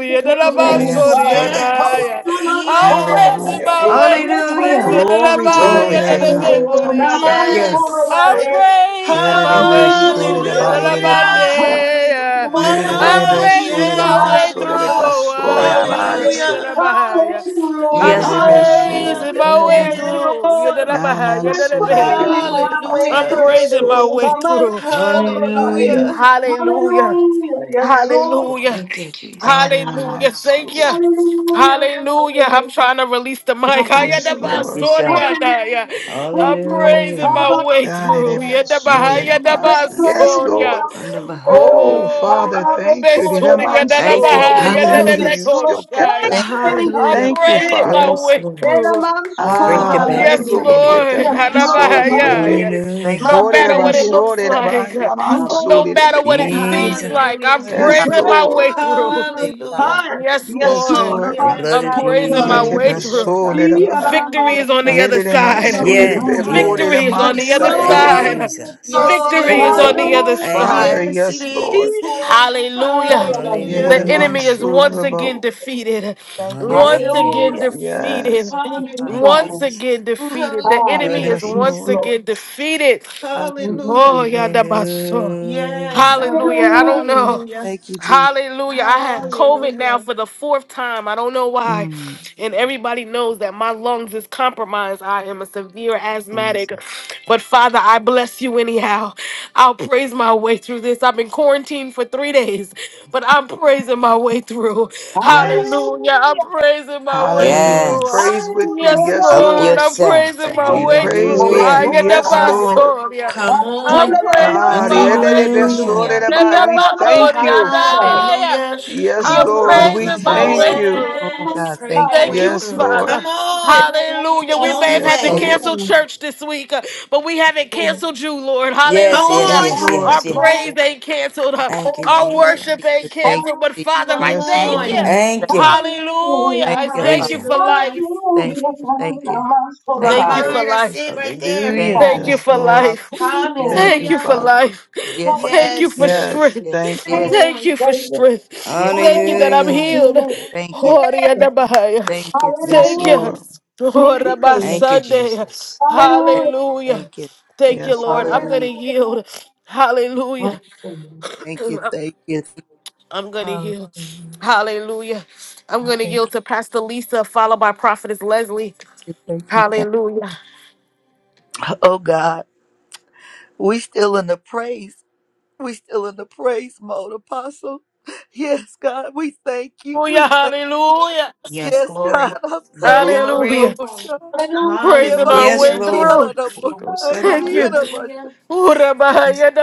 Speaker 4: Thank
Speaker 2: Yes.
Speaker 5: Yes, Lord.
Speaker 4: you. Thank you.
Speaker 2: Yes.
Speaker 1: Yadadabasoriadaya. I'm
Speaker 2: Yes.
Speaker 1: praising
Speaker 5: Hallelujah.
Speaker 1: my
Speaker 4: Oh, God,
Speaker 1: way through this.
Speaker 6: Hallelujah.
Speaker 3: praising
Speaker 5: Glory
Speaker 3: our
Speaker 5: to
Speaker 3: way
Speaker 5: your
Speaker 6: Glory
Speaker 2: Hallelujah.
Speaker 6: to
Speaker 5: name,
Speaker 6: God.
Speaker 5: O
Speaker 3: through.
Speaker 5: kind Savior.
Speaker 6: Thank you.
Speaker 1: Yadadabayadadabasoriadaya.
Speaker 2: Yes.
Speaker 1: I'm
Speaker 3: Now,
Speaker 1: praising my
Speaker 6: Thank you,
Speaker 1: way through.
Speaker 6: Jesus.
Speaker 3: Hallelujah, and I'm not
Speaker 2: Hallelujah.
Speaker 5: Ererebesorerebaereremanso.
Speaker 3: sorry.
Speaker 1: Yadadabandeya.
Speaker 3: We're
Speaker 1: I'm
Speaker 2: Mama.
Speaker 6: Glory.
Speaker 1: praising
Speaker 3: praising
Speaker 1: my
Speaker 2: Yes.
Speaker 1: way
Speaker 2: Abba.
Speaker 1: through.
Speaker 3: I'm not
Speaker 1: oh,
Speaker 3: sorry
Speaker 6: Thank you,
Speaker 3: about
Speaker 1: Abba.
Speaker 6: Jesus.
Speaker 3: it.
Speaker 5: Yerererebesoreremansorerebasoyamanso.
Speaker 2: Hallelujah.
Speaker 3: I
Speaker 1: Yadadabahaya.
Speaker 3: through, hallelujah,
Speaker 1: I'm
Speaker 6: Yes, Lord.
Speaker 5: Hererebeso.
Speaker 2: Hallelujah.
Speaker 1: praising
Speaker 3: hallelujah,
Speaker 1: my
Speaker 6: Under
Speaker 1: way
Speaker 3: yes,
Speaker 6: behind.
Speaker 1: through.
Speaker 2: Yes.
Speaker 3: Lord.
Speaker 2: Abba.
Speaker 1: Yadadabaha,
Speaker 3: We're
Speaker 1: yadadabeya.
Speaker 3: praising our way
Speaker 1: I'm
Speaker 2: Hallelujah.
Speaker 1: praising my
Speaker 5: Yamansorerebekorerebasarerebeso.
Speaker 3: through.
Speaker 1: way
Speaker 3: I'm not
Speaker 1: through.
Speaker 3: sorry
Speaker 6: Hallelujah.
Speaker 2: Hallelujah.
Speaker 1: Hallelujah.
Speaker 3: Hallelujah, yes, Lord.
Speaker 1: Hallelujah.
Speaker 6: Thank you, Jesus.
Speaker 1: Hallelujah. Thank you.
Speaker 5: Arenamanso.
Speaker 3: Hallelujah,
Speaker 1: Hallelujah. I'm
Speaker 3: hallelujah.
Speaker 1: trying to release the mic.
Speaker 3: Yes,
Speaker 5: Yes,
Speaker 3: Jesus.
Speaker 6: Help
Speaker 5: Lord.
Speaker 6: yourself.
Speaker 1: Hayadabasoria.
Speaker 3: Hallelujah. Thank
Speaker 1: I'm
Speaker 3: you, Lord.
Speaker 1: praising
Speaker 6: Hallelujah.
Speaker 1: my way through.
Speaker 3: Hallelujah.
Speaker 6: Thank you,
Speaker 3: We
Speaker 5: Yarerebesorereba-
Speaker 6: Jesus.
Speaker 5: Yes,
Speaker 3: praise me
Speaker 1: Yadabahayabasoria.
Speaker 5: Lord.
Speaker 3: our
Speaker 6: Under
Speaker 3: and
Speaker 6: behind.
Speaker 5: Oh,
Speaker 3: through.
Speaker 5: Father,
Speaker 3: I'm
Speaker 1: Oh,
Speaker 3: up
Speaker 5: thank you.
Speaker 3: for
Speaker 5: Did a
Speaker 3: the
Speaker 1: Yadabasoria,
Speaker 5: man
Speaker 3: light.
Speaker 6: Thank you,
Speaker 5: so we've
Speaker 1: Yadabahaya,
Speaker 6: Jesus.
Speaker 5: been
Speaker 3: Oh,
Speaker 5: through,
Speaker 2: Hallelujah.
Speaker 3: yes,
Speaker 5: you
Speaker 3: Lord.
Speaker 5: still kept
Speaker 3: Thank
Speaker 5: us.
Speaker 4: thank
Speaker 3: you,
Speaker 4: you.
Speaker 1: I'm
Speaker 2: Hallelujah.
Speaker 5: Thank you,
Speaker 1: praising
Speaker 3: anyhow.
Speaker 1: my
Speaker 4: Glory.
Speaker 5: Father.
Speaker 6: Yes,
Speaker 1: way
Speaker 6: Lord.
Speaker 3: Then
Speaker 1: through.
Speaker 3: I'm up
Speaker 6: We
Speaker 3: for
Speaker 4: Glory.
Speaker 6: break the
Speaker 3: the
Speaker 5: Ah,
Speaker 6: back
Speaker 5: yes,
Speaker 6: of
Speaker 1: Yes,
Speaker 6: the
Speaker 3: light.
Speaker 2: Hallelujah.
Speaker 5: Lord.
Speaker 4: Glory.
Speaker 6: enemy.
Speaker 1: Lord.
Speaker 5: Yete
Speaker 3: Yes,
Speaker 4: Glory.
Speaker 5: manso
Speaker 3: Lord.
Speaker 2: Hallelujah.
Speaker 1: Hanabaya.
Speaker 5: derebe.
Speaker 3: Hallelujah.
Speaker 1: Yes.
Speaker 4: Thank you,
Speaker 3: My
Speaker 6: Hallelujah.
Speaker 1: No
Speaker 5: Hore
Speaker 4: Jesus.
Speaker 1: matter what
Speaker 5: raba
Speaker 1: it
Speaker 3: Savior.
Speaker 5: so
Speaker 1: looks
Speaker 2: Hallelujah.
Speaker 5: deraba
Speaker 1: like,
Speaker 4: Yes,
Speaker 3: Oh,
Speaker 5: yamanso
Speaker 1: no
Speaker 3: Lord, we
Speaker 1: matter
Speaker 5: derebe
Speaker 1: what it
Speaker 5: ko.
Speaker 3: thank you.
Speaker 1: seems
Speaker 6: Jesus.
Speaker 1: like, I'm
Speaker 2: Hallelujah.
Speaker 3: We
Speaker 4: God.
Speaker 5: Yes,
Speaker 1: praising my
Speaker 3: praise
Speaker 5: Lord.
Speaker 1: way
Speaker 3: our way
Speaker 1: through.
Speaker 4: Yes,
Speaker 3: through.
Speaker 4: God, I
Speaker 2: Hallelujah.
Speaker 3: Ah,
Speaker 4: thank
Speaker 1: Yes,
Speaker 4: you.
Speaker 3: yes,
Speaker 5: Yes,
Speaker 1: Lord.
Speaker 3: Lord.
Speaker 5: Lord.
Speaker 3: I'm
Speaker 6: The
Speaker 4: Thank
Speaker 3: up
Speaker 4: you.
Speaker 2: Yes,
Speaker 6: blood
Speaker 1: I'm
Speaker 6: of
Speaker 3: for
Speaker 2: Abba,
Speaker 3: the
Speaker 2: we
Speaker 1: praising my
Speaker 2: thank
Speaker 5: Yete
Speaker 1: way
Speaker 3: light.
Speaker 2: you.
Speaker 6: Jesus.
Speaker 4: Yes,
Speaker 1: through.
Speaker 5: baso
Speaker 4: God. Yes,
Speaker 3: Yeah,
Speaker 5: deraba.
Speaker 3: I'm
Speaker 1: Victory
Speaker 3: up
Speaker 4: yes,
Speaker 1: is on
Speaker 4: God.
Speaker 1: the
Speaker 2: Hallelujah.
Speaker 1: other
Speaker 5: Yere
Speaker 3: for
Speaker 4: Yes,
Speaker 1: side.
Speaker 5: manso
Speaker 4: God.
Speaker 3: the
Speaker 5: derebe
Speaker 6: Yes,
Speaker 4: Yes,
Speaker 3: light.
Speaker 5: ko dere
Speaker 1: Victory
Speaker 6: yes.
Speaker 1: is
Speaker 2: Hallelujah.
Speaker 1: on
Speaker 3: Yes,
Speaker 1: the
Speaker 2: Yes,
Speaker 1: other
Speaker 2: it
Speaker 5: mansa
Speaker 6: Thank you,
Speaker 2: is.
Speaker 3: Lord,
Speaker 5: derebe.
Speaker 1: side.
Speaker 3: yes,
Speaker 6: Jesus.
Speaker 4: God.
Speaker 2: Yes, it
Speaker 3: Lord,
Speaker 1: Victory is
Speaker 4: Yes,
Speaker 2: is.
Speaker 1: on the
Speaker 5: Oh,
Speaker 1: other
Speaker 3: hallelujah,
Speaker 6: Thank you,
Speaker 1: side.
Speaker 5: Father.
Speaker 6: Lord.
Speaker 2: Yes, it
Speaker 5: Yes, Lord.
Speaker 2: is.
Speaker 3: Hallelujah.
Speaker 1: Hallelujah.
Speaker 2: Hallelujah.
Speaker 5: Yere
Speaker 1: The
Speaker 4: yes, yes,
Speaker 1: enemy is
Speaker 6: Hallelujah.
Speaker 5: manso
Speaker 1: once again
Speaker 5: derebo.
Speaker 4: yes.
Speaker 1: defeated.
Speaker 4: Thank you,
Speaker 2: Yes,
Speaker 4: God.
Speaker 2: he
Speaker 1: Once again
Speaker 6: Hallelujah.
Speaker 2: is.
Speaker 1: defeated.
Speaker 5: Yes.
Speaker 4: Thank you,
Speaker 3: Thank you,
Speaker 4: Father.
Speaker 6: Thank you,
Speaker 2: Hallelujah.
Speaker 1: Once
Speaker 3: Father.
Speaker 6: Jesus.
Speaker 1: again
Speaker 4: Ooh,
Speaker 1: defeated. The
Speaker 3: Hallelujah.
Speaker 6: Blood
Speaker 1: enemy
Speaker 6: of
Speaker 2: Hallelujah.
Speaker 1: is
Speaker 5: Yes,
Speaker 3: Yes,
Speaker 6: Jesus.
Speaker 1: once
Speaker 5: Lord.
Speaker 3: Lord.
Speaker 1: again defeated.
Speaker 4: thank you.
Speaker 3: Thank you,
Speaker 2: Hallelujah.
Speaker 1: Oh,
Speaker 3: Savior.
Speaker 1: yeah, that my
Speaker 2: Yes,
Speaker 6: Hallelujah.
Speaker 2: Abba.
Speaker 1: Hallelujah. I don't
Speaker 3: Hallelujah.
Speaker 4: Ooh,
Speaker 1: know.
Speaker 2: Hallelujah.
Speaker 4: thank you, Jesus.
Speaker 1: Hallelujah. I had
Speaker 5: Yes, Lord.
Speaker 1: COVID now
Speaker 2: Hallelujah.
Speaker 1: for the fourth time. I don't know why.
Speaker 5: Mm.
Speaker 1: And everybody knows that my lungs is compromised. I am a severe asthmatic.
Speaker 6: Jesus.
Speaker 1: But Father, I bless you anyhow. I'll praise my way through this. I've been quarantined for three days, but I'm praising my way through.
Speaker 3: Hallelujah.
Speaker 5: Yes.
Speaker 1: Hallelujah. I'm
Speaker 3: Hallelujah.
Speaker 1: praising my way
Speaker 5: Hallelujah. We
Speaker 1: through.
Speaker 6: Yes.
Speaker 5: praise with you.
Speaker 1: Yes,
Speaker 5: Yes,
Speaker 6: Help
Speaker 5: Lord.
Speaker 1: Lord, I'm
Speaker 6: yourself.
Speaker 1: praising my
Speaker 5: We
Speaker 1: way
Speaker 5: praise
Speaker 1: through.
Speaker 5: with
Speaker 6: Hallelujah.
Speaker 1: I
Speaker 5: you.
Speaker 1: get the
Speaker 5: Yes,
Speaker 2: Come
Speaker 3: Hallelujah.
Speaker 2: on.
Speaker 5: Lord.
Speaker 1: basoria.
Speaker 2: Come
Speaker 1: I'm
Speaker 2: on.
Speaker 3: Hallelujah.
Speaker 4: Thank
Speaker 1: praising
Speaker 5: Ah, the
Speaker 1: my
Speaker 5: end of
Speaker 1: way
Speaker 5: the best sword in
Speaker 2: Hallelujah.
Speaker 1: through.
Speaker 6: Hallelujah.
Speaker 5: the
Speaker 1: Get
Speaker 5: Bible.
Speaker 1: the
Speaker 5: We thank
Speaker 1: bacoria.
Speaker 5: you.
Speaker 3: Hallelujah.
Speaker 2: Hallelujah.
Speaker 4: you,
Speaker 5: Yes,
Speaker 3: Yes,
Speaker 1: I'm
Speaker 4: Jesus.
Speaker 5: Lord.
Speaker 3: Lord.
Speaker 6: Thank you,
Speaker 5: We
Speaker 1: praising my
Speaker 5: thank
Speaker 1: way
Speaker 6: Jesus.
Speaker 3: Hallelujah.
Speaker 5: you.
Speaker 1: through.
Speaker 4: Oh,
Speaker 2: Yes.
Speaker 3: Hallelujah.
Speaker 4: God,
Speaker 2: Praise
Speaker 4: thank you.
Speaker 2: your
Speaker 1: Thank
Speaker 3: Hallelujah.
Speaker 2: way
Speaker 1: you,
Speaker 5: Yes,
Speaker 2: through.
Speaker 5: Lord.
Speaker 2: Come
Speaker 1: Father.
Speaker 2: on. It's
Speaker 1: Hallelujah.
Speaker 2: the
Speaker 3: Little
Speaker 1: We may
Speaker 2: only
Speaker 3: mountain.
Speaker 1: have
Speaker 3: Yes,
Speaker 1: had
Speaker 5: Yes,
Speaker 1: to
Speaker 2: way.
Speaker 3: Lord.
Speaker 4: Thank
Speaker 5: Lord.
Speaker 1: cancel
Speaker 3: Hallelujah.
Speaker 1: church this week, uh, but we haven't canceled you, Lord.
Speaker 6: Yes,
Speaker 2: Come
Speaker 6: yes,
Speaker 1: Hallelujah.
Speaker 2: on.
Speaker 5: Yes,
Speaker 6: yes,
Speaker 5: Lord.
Speaker 1: Our
Speaker 6: yes, yes.
Speaker 1: praise
Speaker 3: Lord.
Speaker 1: ain't canceled. uh,
Speaker 6: Thank you,
Speaker 1: Our
Speaker 3: Hallelujah.
Speaker 1: worship
Speaker 4: you.
Speaker 6: Jesus.
Speaker 1: ain't
Speaker 4: Thank you, Jesus. Thank you,
Speaker 1: canceled. But
Speaker 4: Jesus.
Speaker 1: Father, I
Speaker 2: Come
Speaker 5: Yes,
Speaker 1: thank
Speaker 2: on.
Speaker 5: Lord.
Speaker 1: you.
Speaker 3: Hallelujah.
Speaker 4: Thank you.
Speaker 6: Thank you.
Speaker 1: Hallelujah.
Speaker 3: Hallelujah.
Speaker 4: Thank
Speaker 1: I
Speaker 4: you,
Speaker 1: thank
Speaker 6: Praise
Speaker 4: Father.
Speaker 1: you
Speaker 6: Him.
Speaker 1: for
Speaker 2: Hallelujah.
Speaker 1: life.
Speaker 4: Thank
Speaker 3: Hallelujah.
Speaker 4: you. Thank you.
Speaker 3: Namaste,
Speaker 4: Thank
Speaker 2: My
Speaker 6: Thank
Speaker 1: Thank
Speaker 6: you,
Speaker 1: you
Speaker 3: Rabbi.
Speaker 1: for
Speaker 6: Lord.
Speaker 2: mind, I
Speaker 1: life.
Speaker 2: sit right
Speaker 3: Thank
Speaker 2: there.
Speaker 3: you,
Speaker 6: Hallelujah.
Speaker 4: Thank you.
Speaker 1: Thank you
Speaker 3: Father.
Speaker 5: Yes,
Speaker 1: for
Speaker 5: Lord.
Speaker 4: Hallelujah.
Speaker 3: Thank
Speaker 1: life.
Speaker 3: you,
Speaker 4: Yes,
Speaker 3: Lord.
Speaker 5: Thank
Speaker 1: Thank
Speaker 4: yes,
Speaker 5: you,
Speaker 1: you
Speaker 2: Hallelujah.
Speaker 1: for
Speaker 4: yes.
Speaker 5: Father.
Speaker 1: life.
Speaker 4: Yes,
Speaker 3: Lord,
Speaker 4: yes,
Speaker 1: Thank you
Speaker 3: thank
Speaker 1: for
Speaker 2: Yes.
Speaker 3: you.
Speaker 4: yes,
Speaker 5: Yes,
Speaker 1: strength.
Speaker 4: yes,
Speaker 5: thank
Speaker 2: Come
Speaker 4: yes,
Speaker 5: you.
Speaker 3: Thank you,
Speaker 1: Thank
Speaker 2: on.
Speaker 1: you for
Speaker 3: Savior.
Speaker 1: strength.
Speaker 4: yes.
Speaker 1: Thank you that I'm
Speaker 6: Hallelujah.
Speaker 1: healed.
Speaker 3: Hallelujah.
Speaker 4: Thank you.
Speaker 3: Yes.
Speaker 1: Orianabahaya.
Speaker 4: Thank you. Thank
Speaker 5: Yes,
Speaker 1: Thank
Speaker 4: you.
Speaker 1: you.
Speaker 3: Hallelujah.
Speaker 5: Lord.
Speaker 3: Thank you,
Speaker 1: Oraba
Speaker 3: Savior.
Speaker 6: Thank you,
Speaker 1: Sunday.
Speaker 6: Jesus.
Speaker 4: Father. Thank you.
Speaker 3: Hallelujah.
Speaker 1: Hallelujah.
Speaker 4: Thank you.
Speaker 1: Thank you,
Speaker 5: Yes,
Speaker 1: Lord. I'm
Speaker 5: Lord.
Speaker 1: going to
Speaker 4: Hallelujah.
Speaker 3: Hallelujah.
Speaker 1: yield. Hallelujah.
Speaker 3: Hallelujah.
Speaker 4: Thank you. Thank you. Thank you.
Speaker 1: I'm going to
Speaker 4: Hallelujah.
Speaker 1: yield. Hallelujah. I'm going to
Speaker 4: Thank
Speaker 1: yield to Pastor Lisa, followed by Prophetess Leslie.
Speaker 4: you. Thank you. Thank you.
Speaker 1: Hallelujah.
Speaker 4: Oh God, we still in the praise. We still in the praise mode, Apostle. Yes, God, we thank you.
Speaker 1: Hallelujah.
Speaker 4: We thank.
Speaker 1: Hallelujah.
Speaker 2: Yes.
Speaker 4: Yes, God,
Speaker 2: Glory.
Speaker 4: I'm telling you, Lord,
Speaker 1: Hallelujah.
Speaker 2: Glory.
Speaker 4: oh,
Speaker 3: Hallelujah.
Speaker 4: shine. Yeah,
Speaker 1: Praising
Speaker 4: my
Speaker 1: our
Speaker 4: seed,
Speaker 6: Yes,
Speaker 1: way
Speaker 2: Hallelujah.
Speaker 4: yeah,
Speaker 6: Lord.
Speaker 1: through.
Speaker 4: Lord,
Speaker 6: He
Speaker 4: oh,
Speaker 6: goes
Speaker 4: shine.
Speaker 6: under
Speaker 1: Thank
Speaker 4: Yeah,
Speaker 1: you.
Speaker 4: Lord, my
Speaker 6: my.
Speaker 2: Hallelujah.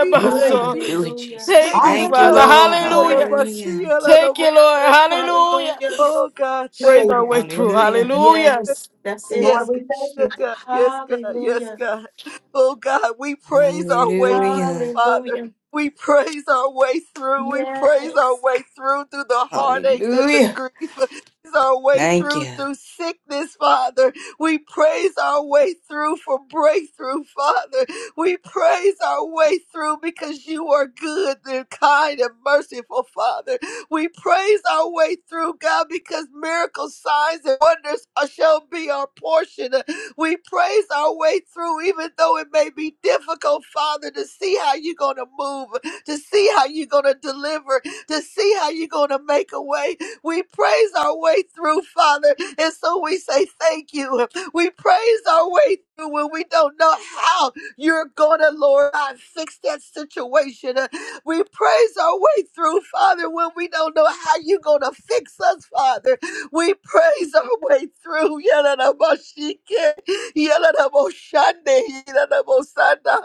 Speaker 4: seed. Thank
Speaker 3: Hallelujah,
Speaker 4: you.
Speaker 6: Do it,
Speaker 2: Hallelujah.
Speaker 1: Thank
Speaker 6: Jesus.
Speaker 4: Thank
Speaker 1: you,
Speaker 4: you,
Speaker 6: Thank you,
Speaker 1: Father.
Speaker 3: Hallelujah.
Speaker 4: Father.
Speaker 6: Lord.
Speaker 2: My
Speaker 4: Yeah, Lord, oh,
Speaker 1: Hallelujah.
Speaker 4: my
Speaker 2: mind.
Speaker 4: seed.
Speaker 6: Hallelujah.
Speaker 4: Yeah, Lord, oh,
Speaker 1: Thank you, Lord.
Speaker 4: my seed.
Speaker 1: Hallelujah.
Speaker 2: Hallelujah.
Speaker 4: Oh God, thank
Speaker 1: Praise our
Speaker 3: Savior.
Speaker 1: way
Speaker 4: you,
Speaker 1: through.
Speaker 4: thank you,
Speaker 6: Hallelujah.
Speaker 4: thank
Speaker 1: Hallelujah.
Speaker 4: you.
Speaker 2: Yes. That's
Speaker 3: And
Speaker 2: it.
Speaker 3: Lord,
Speaker 4: Yes,
Speaker 3: we thank
Speaker 4: God,
Speaker 3: you.
Speaker 4: yes, God, yes, God, yes,
Speaker 2: Hallelujah.
Speaker 4: God. Oh God, we praise our way through,
Speaker 6: Hallelujah.
Speaker 4: Father.
Speaker 2: Hallelujah.
Speaker 4: We praise our way through. We praise our
Speaker 2: Yes.
Speaker 4: way through through the heartaches and the
Speaker 6: Hallelujah.
Speaker 4: grief. Praise Our way
Speaker 6: Thank
Speaker 4: through
Speaker 6: you.
Speaker 4: through sickness, Father. We praise our way through for breakthrough, Father. We praise our way through because you are good and kind and merciful, Father. We praise our way through, God, because miracles, signs, and wonders are- shall be our portion. We praise our way through, even though it may be difficult, Father, to see how you're going to move, to see how you're going to deliver, to see how you're going to make a way. We praise our way through, Father. And so we say thank you. We praise our way through when we don't know how you're going to, Lord, God, fix that situation. We praise our way through, Father, when we don't know how you're going to fix us, Father. We praise our way through. Yalalabashike, yalalaboshande, yalalabosanda.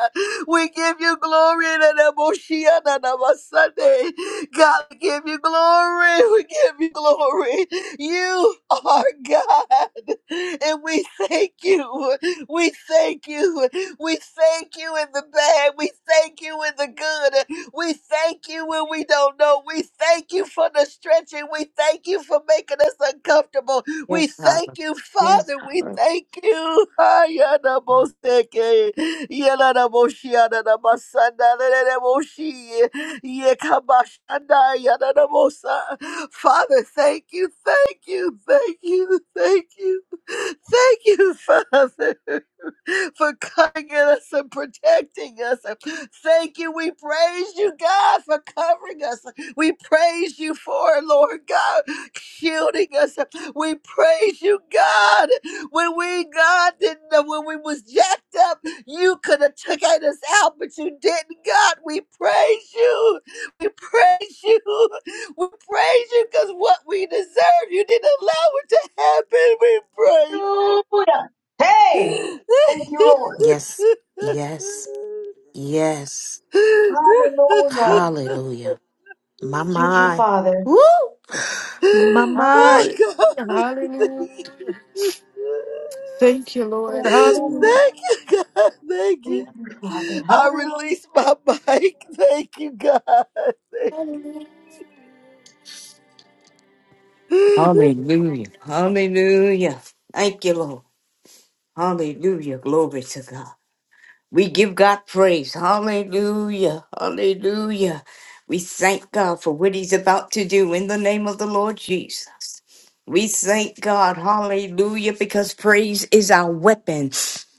Speaker 4: We give you glory. yalalaboshiyananabasande. God, we give you glory. We give you glory. You are God. And we thank you. We thank you. We thank you in the bad. We thank you in the good. We thank you when we don't know. We thank you for the stretching. We thank you for making us uncomfortable. We
Speaker 2: Yes, Abba.
Speaker 4: thank you,
Speaker 2: Yes,
Speaker 4: Father. We
Speaker 2: Abba.
Speaker 4: thank you. Ayanabosheke, yelanaboshiananamasanda, leleleboshi, yekabashanda, yananabosa. Father, thank you, thank you, thank you, thank you. Thank you, Father, for covering us and protecting us. Thank you. We praise you, God, for covering us. We praise you for, Lord God, shielding us. We praise you, God. When we, God, didn't know when we was jacked up, you could have took us out, but you didn't, God. We praise you. We praise you. We praise you because what we deserve, you didn't allow it to happen. We praise
Speaker 3: Hallelujah. Hey, thank you, Lord.
Speaker 2: Yes, yes,
Speaker 4: oh God,
Speaker 2: yes.
Speaker 3: Hallelujah.
Speaker 2: Hallelujah. My
Speaker 3: Thank you,
Speaker 2: mind.
Speaker 3: Father.
Speaker 2: Woo! My mind.
Speaker 4: thank you.
Speaker 1: Thank you. And hallelujah.
Speaker 3: Hallelujah.
Speaker 4: Thank you, God. Thank you.
Speaker 3: Thank you, Father.
Speaker 4: I
Speaker 3: Hallelujah.
Speaker 4: release my mic. Thank you, God.
Speaker 6: Hallelujah. Hallelujah. Thank you, Lord. Hallelujah. Glory to God. We give God praise. Hallelujah. Hallelujah. We thank God for what He's about to do in the name of the Lord Jesus. We thank God. Hallelujah. Because praise is our weapon.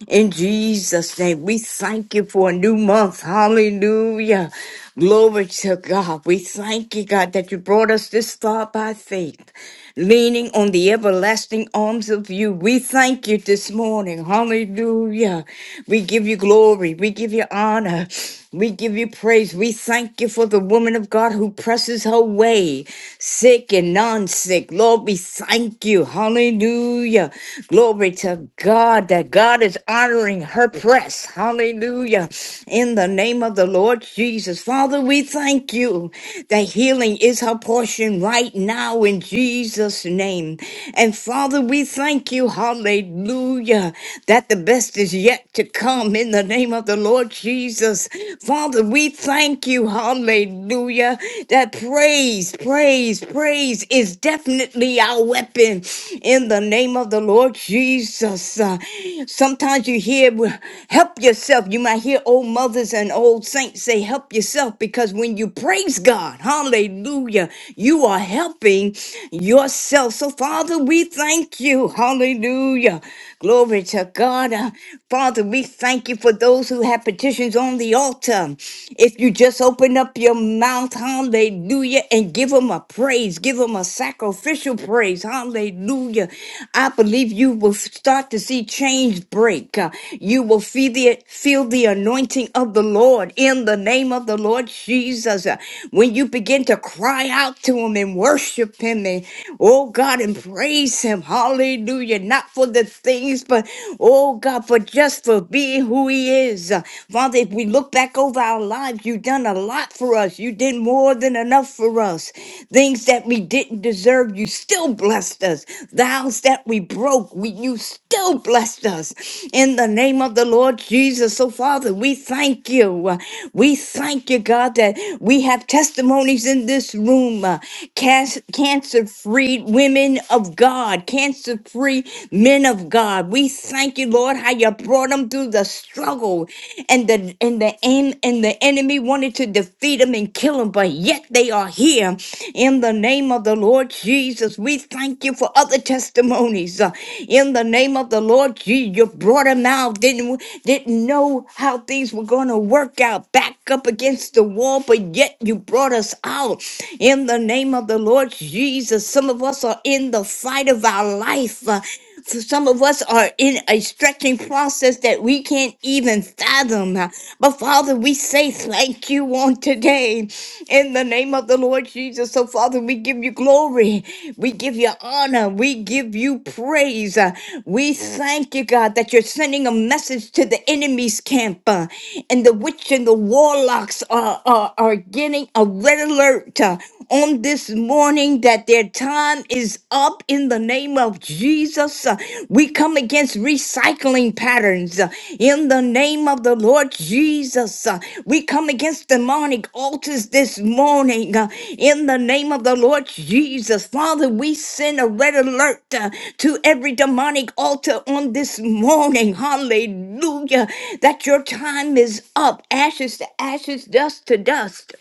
Speaker 6: In Jesus' name, we thank you for a new month. Hallelujah. Glory to God. We thank you, God, that you brought us this far by faith, leaning on the everlasting arms of you. We thank you this morning. Hallelujah. We give you glory. We give you honor. We give you praise. We thank you for the woman of God who presses her way sick and non sick. Lord, we thank you. Hallelujah. Glory to God that God is honoring her press. Hallelujah. In the name of the Lord Jesus. Father, we thank you that healing is her portion right now in Jesus' name. And Father, we thank you. Hallelujah. That the best is yet to come in the name of the Lord Jesus. Father, we thank you. Hallelujah Hallelujah. That praise, praise, praise is definitely our weapon in the name of the Lord Jesus. Uh, sometimes you hear, "Well, help yourself. You might hear old mothers and old saints say, help yourself, because when you praise God, hallelujah, you are helping yourself. So, Father, we thank you. Hallelujah. Glory to God. Uh, Father, we thank you for those who have petitions on the altar. If you just open up your mouth, hallelujah, and give them a praise, give them a sacrificial praise, hallelujah. I believe you will start to see change break. Uh, You will feel the, feel the anointing of the Lord in the name of the Lord Jesus. Uh, When you begin to cry out to Him and worship Him, and oh God, and praise Him, hallelujah. Hallelujah. Not for the things, but oh God, for just for being who He is. Uh, Father, if we look back over our lives, you've done a lot for us. You did more than enough for us. Things that we didn't deserve, you still blessed us. The house that we broke, we, you still blessed us. In the name of the Lord Jesus. So, Father, we thank you. Uh, We thank you, God, that we have testimonies in this room. uh, Cast cancer freed women women of God, cancer free men of God. We thank you, Lord, how you brought them through the struggle and the and the en- and the enemy wanted to defeat them and kill them, but yet they are here in the name of the Lord Jesus. We thank you for other testimonies uh, in the name of the Lord Jesus. You brought them out, didn't didn't know how things were going to work out, back up against the wall, but yet you brought us out in the name of the Lord. Lord Jesus. Some of us are in the fight of our life. Uh, so some of us are in a stretching process that we can't even fathom. Uh, But Father, we say thank you on today in the name of the Lord Jesus. So, Father, we give you glory. We give you honor. We give you praise. Uh, We thank you, God, that you're sending a message to the enemy's camp. uh, And the witch and the warlocks are, are, are getting a red alert. uh, uh, on this morning that their time is up in the name of Jesus. Uh, We come against recycling patterns uh, in the name of the Lord Jesus. Uh, We come against demonic altars this morning uh, in the name of the Lord Jesus. Father, we send a red alert uh, to every demonic altar on this morning. Hallelujah. That your time is up. Ashes to ashes, dust to dust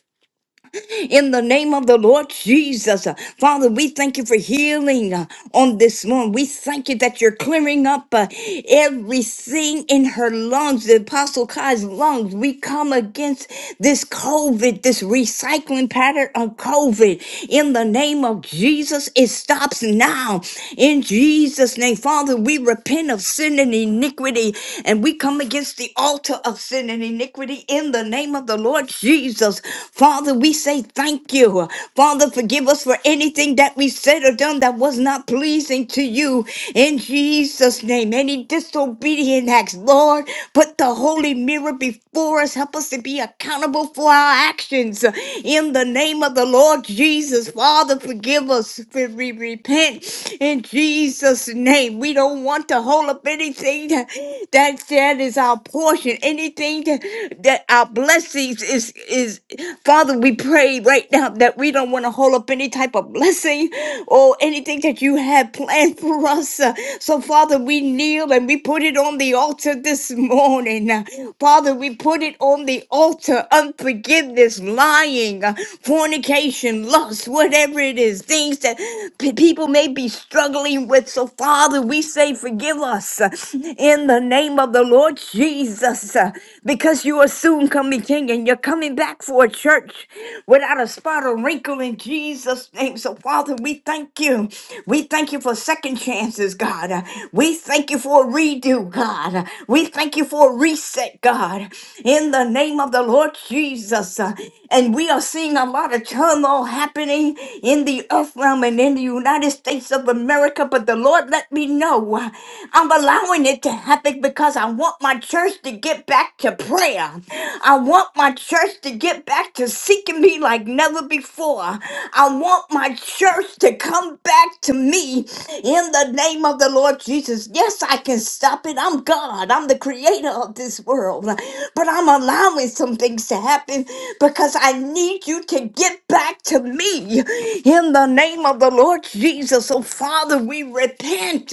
Speaker 6: in the name of the Lord Jesus. Uh, Father, we thank you for healing uh, on this morning. We thank you that you're clearing up uh, everything in her lungs, the Apostle Kai's lungs. We come against this COVID, this recycling pattern of COVID. In the name of Jesus, it stops now. In Jesus' name, Father, we repent of sin and iniquity and we come against the altar altar of sin and iniquity in the name of the Lord Jesus. Father, we say thank you. Father, forgive us for anything that we said or done that was not pleasing to you in Jesus' name. Any disobedient acts, Lord, put the holy mirror before us. Help us to be accountable for our actions in the name of the Lord Jesus. Father, forgive us. We repent in Jesus' Jesus' name. We don't want to hold up anything that that that is our portion, anything that, that our blessings is is Father, we pray right now that we don't want to hold up any type of blessing or anything that you have planned for us. Uh, So Father, we kneel and we put it on the altar this morning. Uh, Father, we put it on the altar. Unforgiveness, lying, uh, fornication frustration, lust, whatever it is, things that p- people may be struggling with. So, Father, we say, forgive us uh, in the name of the Lord Jesus, uh, because you are soon coming, King, and you're coming back for a church without a spot or wrinkle in Jesus' name. So, Father, we thank you. We thank you for second chances, God. Uh, We thank you for a redo, God. Uh, We thank you for a reset, God in the name of the Lord Jesus. Uh, And we are seeing a lot of turmoil happening in the earth realm and in the United States of America. But the Lord let me know uh, I'm allowing it to happen because I want my church to get back to prayer. I want my church to get back to seeking me like never before. I want my church to come back back to me in the name of the Lord Jesus. Yes, I can stop it. I'm God. I'm the creator of this world. But I'm allowing some things to happen because I need you to get back to me in the name of the Lord Jesus. So, Father, we repent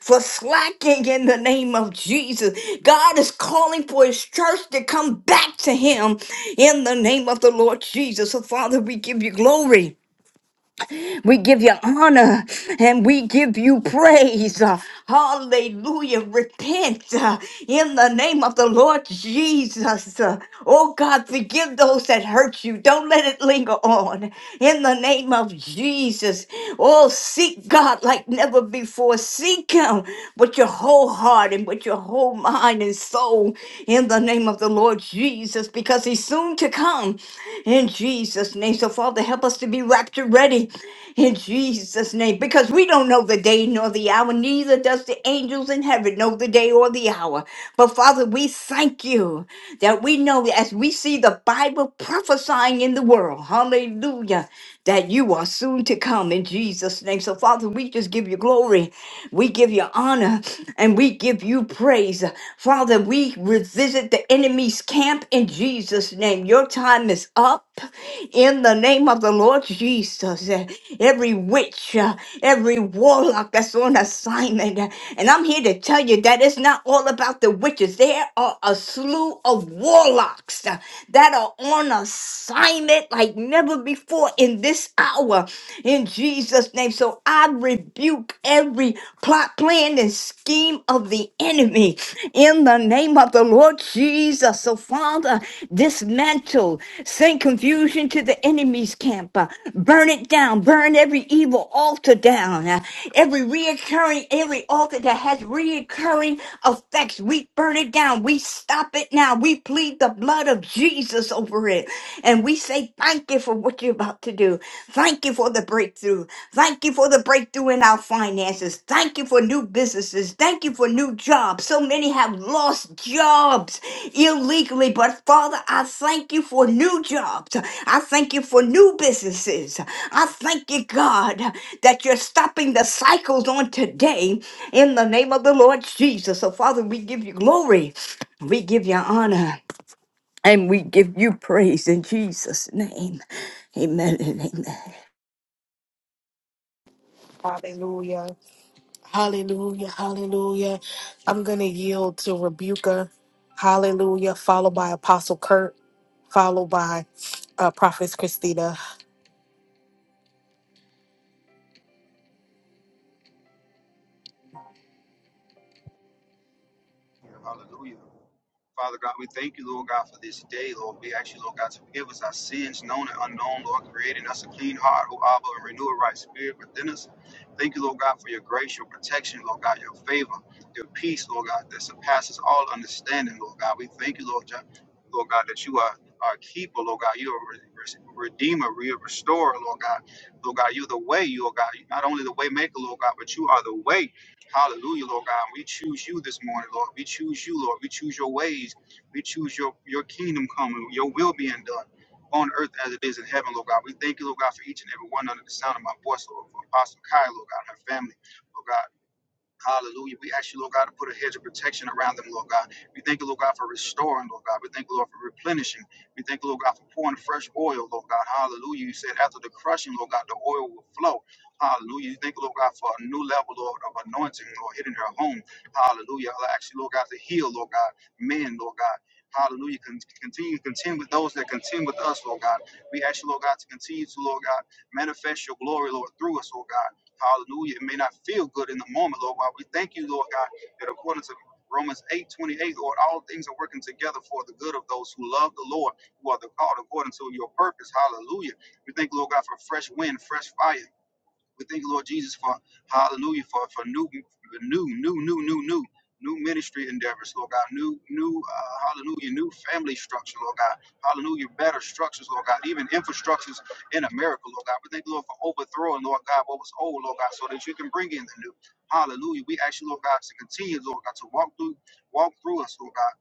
Speaker 6: for slacking in the name of Jesus. God is calling for his church to come back to him in the name of the Lord Jesus. So, Father, we give you glory. We give you honor and we give you praise. Uh, Hallelujah. Repent uh, in the name of the Lord Jesus. Uh, Oh God, forgive those that hurt you. Don't let it linger on. In the name of Jesus. Oh, seek God like never before. Seek Him with your whole heart and with your whole mind and soul. In the name of the Lord Jesus, because He soon soon to come. In Jesus' name. So, Father, help us to be rapture ready in Jesus' name because we don't know the day nor the hour, neither does the angels in heaven know the day or the hour. But, Father, we thank you that we know as we see the Bible prophesying in the world. Hallelujah that you are soon to come in Jesus' name. So, Father, we just give you glory. We give you honor and we give you praise. Father, we revisit the enemy's camp in Jesus' name. Your time is up in the name of the Lord Jesus. Uh, Every witch, uh, every warlock that's on assignment. uh, And I'm here to tell you that it's not all about the witches. There are a slew of warlocks uh, that are on assignment assignment like never before in this hour in Jesus' name. So I rebuke every plot, plan, and scheme of the enemy in the name of the Lord Jesus. So, Father, dismantle, send confusion to the enemy's camp, uh, burn it down, burn every evil altar down, uh, every reoccurring, every altar that has reoccurring effects. We burn it down, we stop it now, we plead the blood blood of Jesus over it. And we say, Thank you for what you're about to do. Thank you for the breakthrough. Thank you for the breakthrough in our finances. Thank you for new businesses. Thank you for new jobs. So many have lost jobs illegally, but Father, I thank you for new jobs. I thank you for new businesses. I thank you, God, that you're stopping the cycles on today in the name of the Lord Jesus. So, Father, we give you glory. We give you honor. And we give you praise in Jesus' name. Amen and amen.
Speaker 1: Hallelujah. Hallelujah. I'm Yuka. Hallelujah. Follow so Kurt, followed by uh, Prophet Christina.
Speaker 7: Hallelujah. Father God, we thank you, Lord God, for this day, Lord. We ask you, Lord God, to forgive us our sins, known and unknown, Lord, creating us a clean heart, O Abba, and renew a right spirit within us. Thank you, Lord God, for your grace, your protection, Lord God, your favor, your peace, Lord God, that surpasses all understanding, Lord God. We thank you, Lord, Jo- Lord God, that you are our keeper, Lord God. You are a re- redeemer, you're a restorer, Lord God. Lord God, you're the way, Lord God. You're not only the way maker, Lord God, but you are the way. Hallelujah, Lord God. We choose you this morning, Lord. We choose you, Lord. We choose your ways. We choose your, your kingdom coming, your will being done on earth as it is in heaven, Lord God. We thank you, Lord God, for each and every one under the sound of my voice, Lord, for Apostle Kai, Lord God, and her family, Lord God. Hallelujah. We ask you, Lord God, to put a hedge of protection around them, Lord God. We thank you, Lord God, for restoring, Lord God. We thank you, Lord, for replenishing. We thank you, Lord God, for pouring fresh oil, Lord God. Hallelujah. You said after the crushing, Lord God, the oil will flow. Hallelujah. You thank you, Lord God, for a new level, Lord, of anointing, Lord, hitting her home. Hallelujah. I ask you, Lord God, to heal, Lord God, men, Lord God. Hallelujah. Con- Continue to contend with those that contend with us, Lord God. We ask you, Lord God, to continue to, Lord God, manifest your glory, Lord, through us, Lord God. Hallelujah. It may not feel good in the moment, Lord. While we thank you, Lord God, that according to Romans 8 28, Lord, all things are working together for the good of those who love the Lord, who are the called according to your purpose. Hallelujah. We thank, you, Lord God, for fresh wind, fresh fire. We thank you, Lord Jesus, for hallelujah, for, for new, new, new, new, new, new, new ministry endeavors, Lord God, new, new, uh, hallelujah, new family structure, Lord God, hallelujah, better structures, Lord God, even infrastructures in America, Lord God. We thank you, Lord, for overthrowing, Lord God, what was old, Lord God, so that you can bring in the new. Hallelujah. We ask you, Lord God, to continue, Lord God, to walk through, walk through us, Lord God.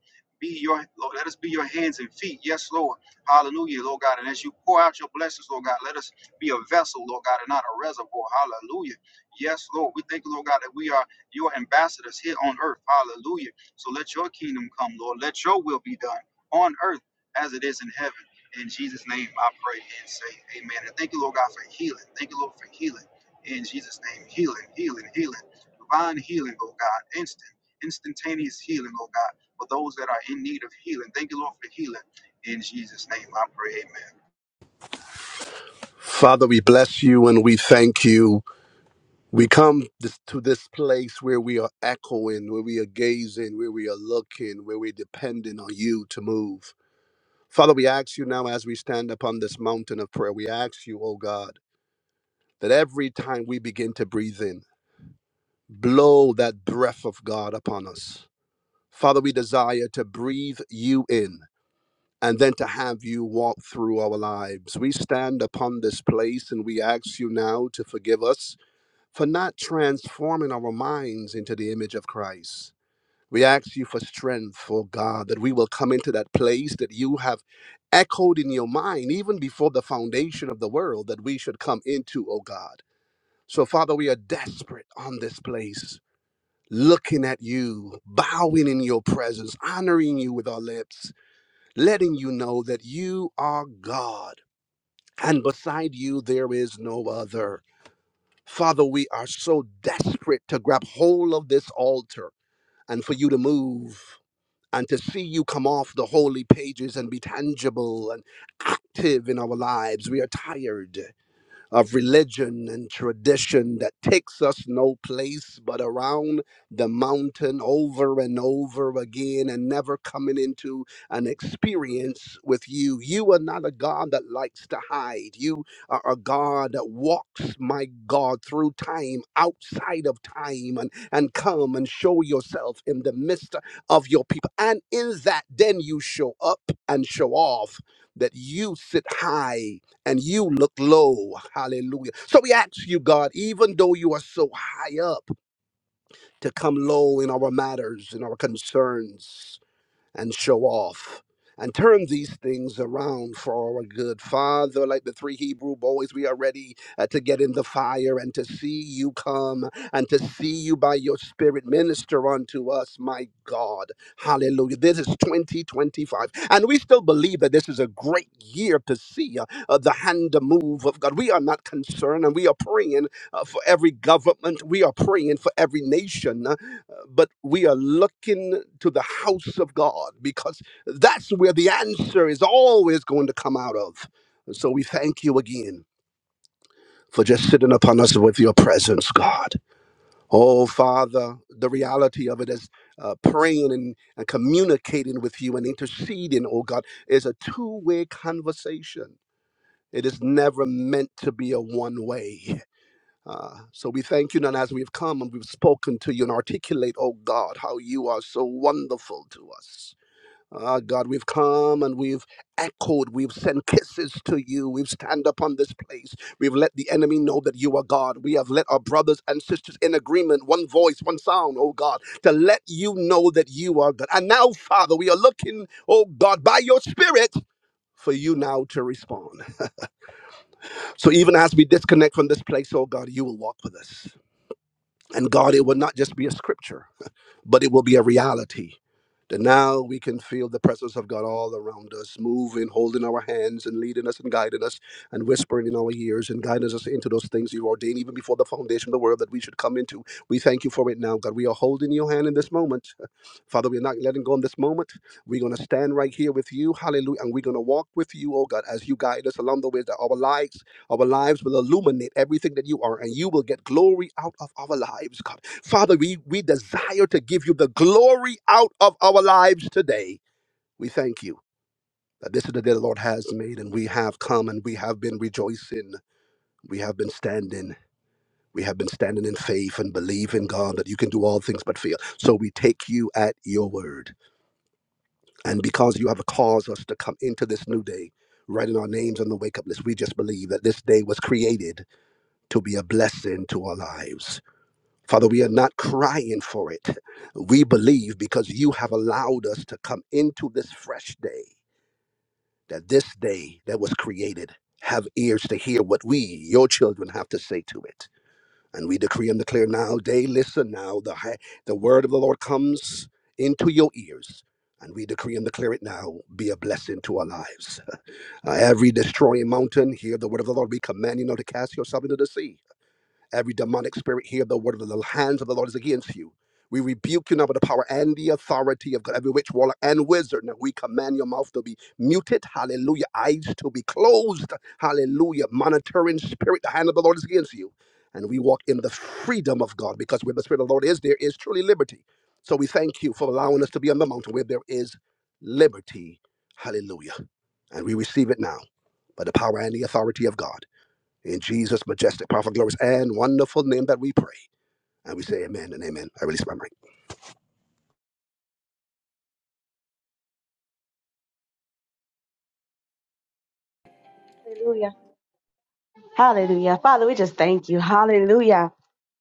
Speaker 7: Be your Lord, let us be your hands and feet. Yes, Lord. Hallelujah, Lord God. And as you pour out your blessings, Lord God, let us be a vessel, Lord God, and not a reservoir. Hallelujah. Yes, Lord. We thank you, Lord God, that we are your ambassadors here on earth. Hallelujah. So let your kingdom come, Lord. Let your will be done on earth as it is in heaven. In Jesus' name, I pray and say amen. And thank you, Lord God, for healing. Thank you, Lord, for healing. In Jesus' name, healing, healing, healing. Divine healing, oh God. Instant, instantaneous healing, oh God, for those that are in need of healing. Thank you, Lord, for healing. In Jesus' name, I pray, amen.
Speaker 8: Father, we bless you and we thank you. We come this, to this place where we are echoing, where we are gazing, where we are looking, where we're depending on you to move. Father, we ask you now as we stand upon this mountain of prayer, we ask you, oh God, that every time we begin to breathe in, blow that breath of God upon us. Father, we desire to breathe you in and then to have you walk through our lives. We stand upon this place and we ask you now to forgive us for not transforming our minds into the image of Christ. We ask you for strength, oh God, that we will come into that place that you have echoed in your mind even before the foundation of the world that we should come into, oh God. So, Father, we are desperate on this place, looking at you, bowing in your presence, honoring you with our lips, letting you know that you are God, and beside you there is no other. Father, we are so desperate to grab hold of this altar and for you to move and to see you come off the holy pages and be tangible and active in our lives. We are tired of religion and tradition that takes us no place but around the mountain over and over again and never coming into an experience with you. You are not a God that likes to hide. You are a God that walks, my God, through time, outside of time, and, and come and show yourself in the midst of your people. And in that, then you show up and show off that you sit high and you look low. Hallelujah. So we ask you, God, even though you are so high up, to come low in our matters and our concerns and show off and turn these things around for our good. Father, like the three Hebrew boys, we are ready uh, to get in the fire and to see you come and to see you by your spirit minister unto us, my God. Hallelujah. This is 2025. And we still believe that this is a great year to see uh, uh, the hand move of God. We are not concerned and we are praying uh, for every government. We are praying for every nation. uh, uh, but we are looking to the house of God because that's where the answer is always going to come out of. So we thank you again for just sitting upon us with your presence, God. Oh, Father, the reality of it is uh, praying and, and communicating with you and interceding, oh God, is a two way conversation. It is never meant to be a one way. Uh, so we thank you, and as we've come and we've spoken to you and articulate, oh God, how you are so wonderful to us. Ah, God, we've come and we've echoed, we've sent kisses to you, we've stand upon this place, we've let the enemy know that you are God. We have let our brothers and sisters in agreement, one voice, one sound, oh God, to let you know that you are God. And now, Father, we are looking, oh God, by your Spirit for you now to respond. So even as we disconnect from this place, oh God, you will walk with us. And God, it would not just be a scripture but it will be a reality that now we can feel the presence of God all around us, moving, holding our hands, and leading us and guiding us, and whispering in our ears and guiding us into those things you ordained even before the foundation of the world that we should come into. We thank you for it now, God. We are holding your hand in this moment. Father, we're not letting go in this moment. We're going to stand right here with you. Hallelujah. And we're going to walk with you, oh God, as you guide us along the way, that our lives, our lives will illuminate everything that you are, and you will get glory out of our lives, God. Father, we, we desire to give you the glory out of our lives today. We thank you that this is the day the Lord has made, and we have come and we have been rejoicing. We have been standing. We have been standing in faith and believing God that you can do all things but fail. So we take you at your word. And because you have caused us to come into this new day, writing our names on the wake up list, we just believe that this day was created to be a blessing to our lives. Father, we are not crying for it. We believe because you have allowed us to come into this fresh day, that this day that was created have ears to hear what we, your children, have to say to it. And we decree and declare now, day, listen now, the, hi- the word of the Lord comes into your ears. And we decree and declare it now, be a blessing to our lives. Uh, every destroying mountain, hear the word of the Lord. We command you now to cast yourself into the sea Every demonic spirit, hear the word of the hands of the Lord is against you. We rebuke you now by the power and the authority of God, every witch, warlock, and wizard. Now we command your mouth to be muted. Hallelujah. Eyes to be closed. Hallelujah. Monitoring spirit, the hand of the Lord is against you. And we walk in the freedom of God because where the Spirit of the Lord is, there is truly liberty. So we thank you for allowing us to be on the mountain where there is liberty. Hallelujah. And we receive it now by the power and the authority of God. In Jesus' majestic, powerful, glorious, and wonderful name that we pray. And we say amen and amen. I release my mind.
Speaker 3: Hallelujah. Hallelujah. Father, we just thank you. Hallelujah.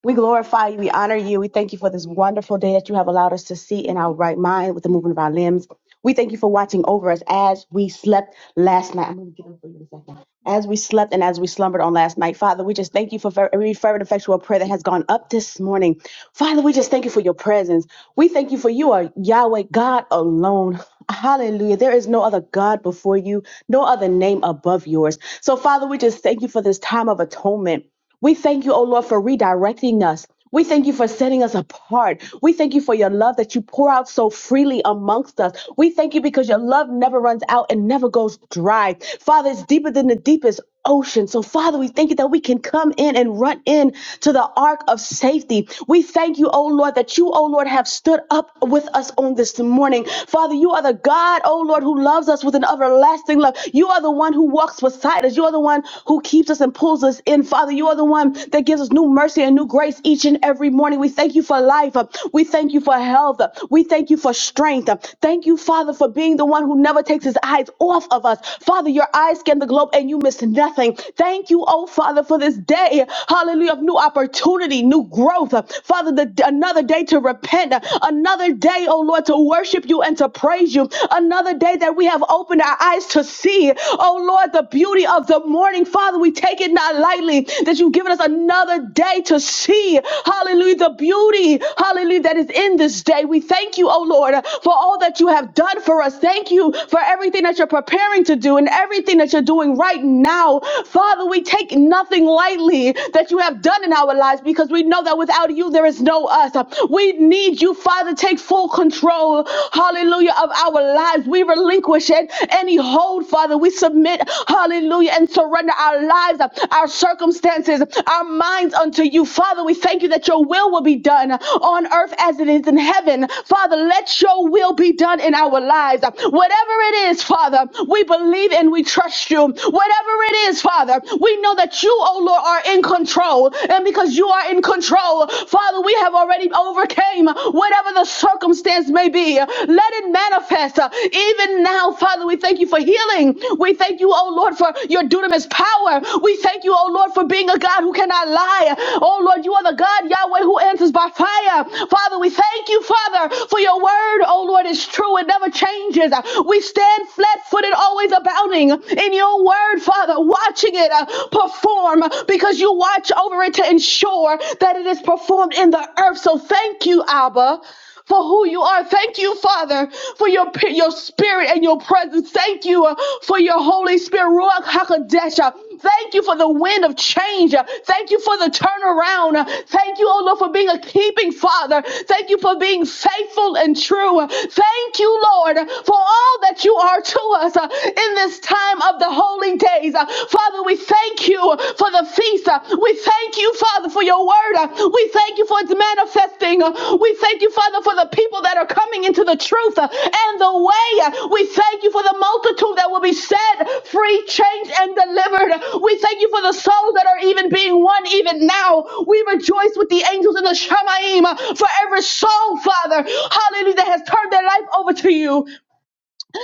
Speaker 3: We glorify you. We honor you. We thank you for this wonderful day that you have allowed us to see in our right mind with the movement of our limbs. We thank you for watching over us as we slept last night. I'm going to get up for you in a second. As we slept and as we slumbered on last night, Father, we just thank you for every fervent, effectual prayer that has gone up this morning. Father, we just thank you for your presence. We thank you for you are Yahweh, God alone. Hallelujah. There is no other God before you, no other name above yours. So, Father, we just thank you for this time of atonement. We thank you, O Lord, for redirecting us. We thank you for setting us apart. We thank you for your love that you pour out so freely amongst us. We thank you because your love never runs out and never goes dry. Father, it's deeper than the deepest ocean. So, Father, we thank you that we can come in and run in to the ark of safety. We thank you, O Lord, that you, O Lord, have stood up with us on this morning. Father, you are the God, O Lord, who loves us with an everlasting love. You are the one who walks beside walks beside us. You are the one who keeps us and pulls us in, Father. You are the one that gives us new mercy and new grace each and every morning. We thank you for life. We thank you for health. We thank you for strength. Thank you, Father, for being the one who never takes his eyes off of us. Father, your eyes scan the globe and you miss nothing. Thank you, oh Father, for this day. Hallelujah. Of new opportunity, new growth. Father, the, another day to repent. Another day, oh Lord, to worship you and to praise you. Another day that we have opened our eyes to see, oh Lord, the beauty of the morning. Father, we take it not lightly that you've given us another day to see, hallelujah, the beauty, hallelujah, that is in this day. We thank you, oh Lord, for all that you have done for us. Thank you for everything that you're preparing to do and everything that you're doing right now. Father, we take nothing lightly that you have done in our lives because we know that without you, there is no us. We need you, Father. Take full control, hallelujah, of our lives. We relinquish it, any hold, Father. We submit, hallelujah, and surrender our lives, our circumstances, our minds unto you, Father. We thank you that your will will be done on earth as it is in heaven. Father, let your will be done in our lives. Whatever it is, Father, we believe and we trust you. Whatever it is, Father, we know that you, oh Lord, are in control. And because you are in control, power. Father, we have already overcame whatever the circumstance may be. Let it manifest uh, even now, Father. We thank you for healing. We thank you, oh Lord, for your dunamis power. We thank you, oh Lord, for being a God who cannot lie. Oh Lord, you are the God, Yahweh, who one who answers by fire. Father, we thank you, Father, for your word, oh Lord, is true. It never changes. We stand flat footed, always abounding in your word, Father, watching it uh, perform because you watch over it to ensure that it is performed in the earth. So thank you, Abba for who you are. Thank you, Father, for your your spirit and your presence. Thank you uh, for your Holy Spirit, Ruach Hakodesh. Uh, Thank you for the wind of change. Uh, Thank you for the turnaround. Uh, Thank you, oh Lord, for being a keeping Father. Thank you for being faithful and true. Uh, Thank you, Lord, uh, for all that you are to us uh, in this time of the holy days. Uh, Father, we thank you for the feast. Uh, We thank you, Father, for your word. Uh, We thank you for its manifesting. Uh, We thank you, Father, for the people that are coming into the truth uh, and the way. Uh, We thank you for the multitude that will be set free, changed, and delivered. Uh, We thank you for the souls that are even being won even now. We rejoice with the angels in the Shamaim uh, for every soul, Father. Hallelujah, that has turned their life over to you.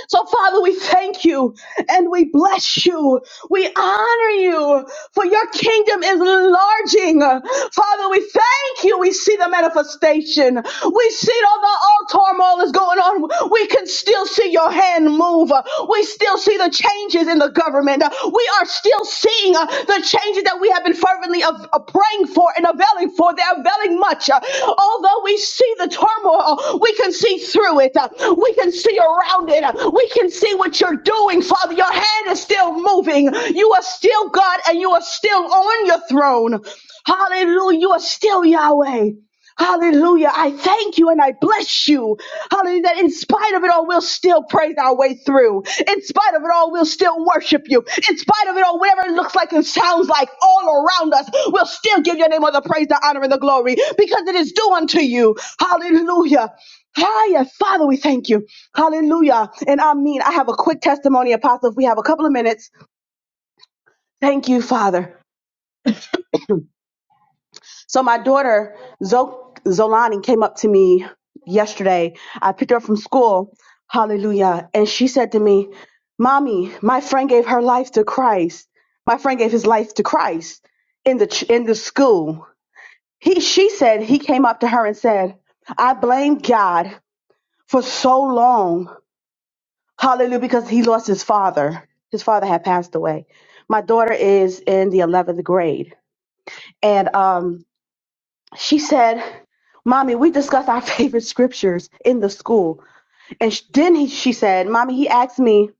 Speaker 3: So, Father, we thank you and we bless you. We honor you for your kingdom is enlarging. Father, we thank you. We see the manifestation. We see all the all turmoil is going on, we can still see your hand move. We still see the changes in the government. We are still seeing uh, the changes that we have been fervently of, uh, praying for and availing for. They're availing much. Uh, although we see the turmoil, uh, we can see through it. Uh, we can see around it. Uh, we can see what you're doing, Father. Your hand is still moving. You are still God and you are still on your throne. Hallelujah. You are still Yahweh. Hallelujah. I thank you and I bless you. Hallelujah. That in spite of it all, we'll still praise our way through. In spite of it all, we'll still worship you. In spite of it all, whatever it looks like and sounds like all around us, we'll still give your name all the praise, the honor, and the glory because it is due unto you. Hallelujah. Hallelujah. Father, we thank you. Hallelujah. And I mean, I have a quick testimony, Apostle, if we have a couple of minutes. Thank you, Father. So my daughter Zo- Zolani came up to me yesterday. I picked her up from school. Hallelujah. And she said to me, "Mommy, my friend gave her life to Christ. My friend gave his life to Christ in the ch- in the school." He she said he came up to her and said, "I blamed God for so long. Hallelujah because he lost his father. His father had passed away. My daughter is in the 11th grade and um she said, "Mommy, we discussed our favorite scriptures in the school." And then he, she said, "Mommy, he asked me."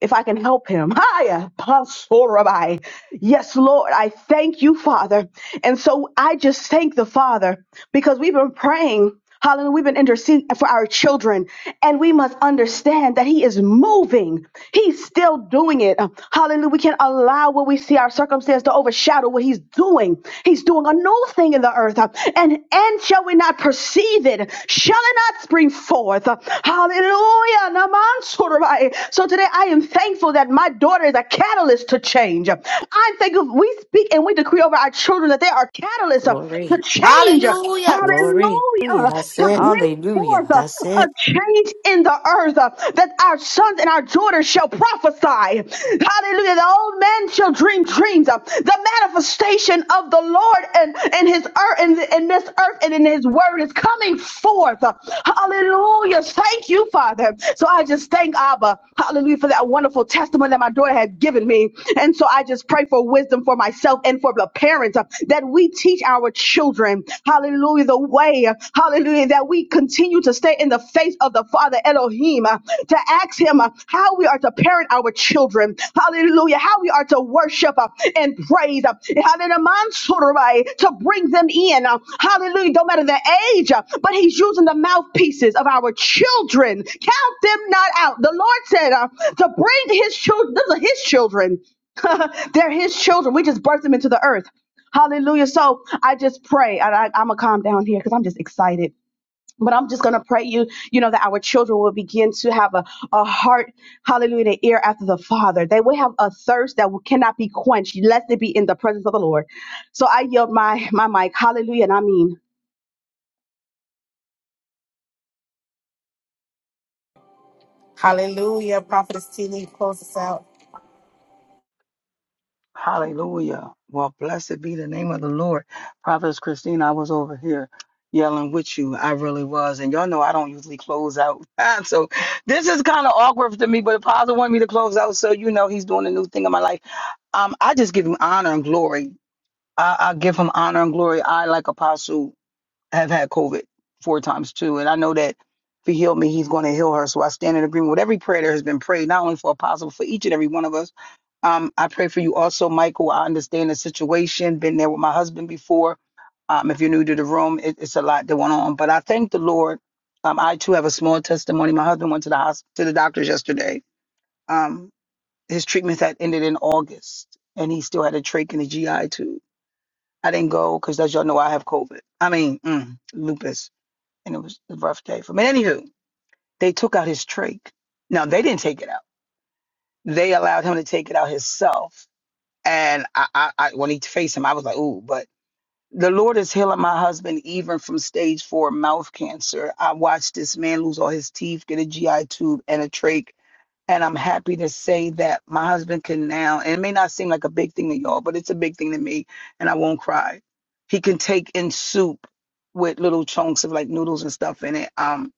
Speaker 3: if I can help him. Hiya, Pasorabai. Yes, Lord, I thank you, Father. And so I just thank the Father because we've been praying. Hallelujah. We've been interceding for our children, and we must understand that He is moving. He's still doing it. Hallelujah. We can't allow what we see our circumstance to overshadow what He's doing. He's doing a new thing in the earth. uh, And and shall we not perceive it? Shall it not spring forth? Hallelujah. Hallelujah. Namansurabai. So today I am thankful that my daughter is a catalyst to change. I'm thankful we speak and we decree over our children that they are catalysts uh, to
Speaker 2: Glory,
Speaker 3: change. uh,
Speaker 1: Hallelujah.
Speaker 2: glory.
Speaker 3: Hallelujah.
Speaker 6: Hallelujah.
Speaker 2: That's
Speaker 3: To
Speaker 2: it.
Speaker 3: bring
Speaker 6: Hallelujah.
Speaker 3: forth uh,
Speaker 2: That's
Speaker 3: a,
Speaker 2: it.
Speaker 3: change in the earth uh, that our sons and our daughters shall prophesy. Hallelujah. The old men shall dream dreams. uh, the manifestation of the Lord and and his earth and, and this earth and in his word is coming forth. Hallelujah. Thank you, Father. So I just thank Abba, hallelujah, for that wonderful testimony that my daughter had given me. And so I just pray for wisdom for myself and for the parents uh, that we teach our children, hallelujah, the way, hallelujah, that we continue to stay in the face of the Father Elohim uh, to ask him uh, how we are to parent our children. Hallelujah. How we are to worship uh, and praise. uh, Hallelujah. Mansurubai, To bring them in. uh, Hallelujah. Don't matter the age, uh, but he's using the mouthpieces of our children. Count them not out. The Lord said uh, to bring his children, those are his children. They're his children. We just birthed them into the earth. Hallelujah. So I just pray, and I, I'm going to calm down here because I'm just excited. But I'm just going to pray you, you know, that our children will begin to have a, a heart, hallelujah, and an ear after the Father. They will have a thirst that will- cannot be quenched, lest they be in the presence of the Lord. So I yield my, my mic. Hallelujah. And I mean.
Speaker 1: Hallelujah. Prophet
Speaker 5: Hallelujah. Well, blessed be the name of the Lord. Prophetess Christina, I was over here yelling with you. I really was. And y'all know I don't usually close out. so this is kind of awkward to me, but Apostle wanted me to close out. So you know he's doing a new thing in my life. Um, I just give him honor and glory. I, I give him honor and glory. I like Apostle have had COVID four times too. And I know that if he healed me, he's going to heal her. So I stand in agreement with every prayer that has been prayed, not only for Apostle, for each and every one of us. Um, I pray for you also, Michael. I understand the situation, been there with my husband before. Um, if you're new to the room, it, it's a lot that went on. But I thank the Lord. Um, I too have a small testimony. My husband went to the hospital, to the doctors yesterday. Um, his treatment had ended in August, and he still had a trach and a GI tube. I didn't go because, as y'all know, I have COVID. I mean, mm, lupus and it was a rough day for me. anywho, they took out his trach. Now they didn't take it out. They allowed him to take it out himself. And I, I, I when he faced him, I was like, ooh, but the Lord is healing my husband even from stage four mouth cancer. I watched this man lose all his teeth, get a GI tube and a trach. And I'm happy to say that my husband can now, and it may not seem like a big thing to y'all, but it's a big thing to me, and I won't cry. He can take in soup with little chunks of like noodles and stuff in it. Um,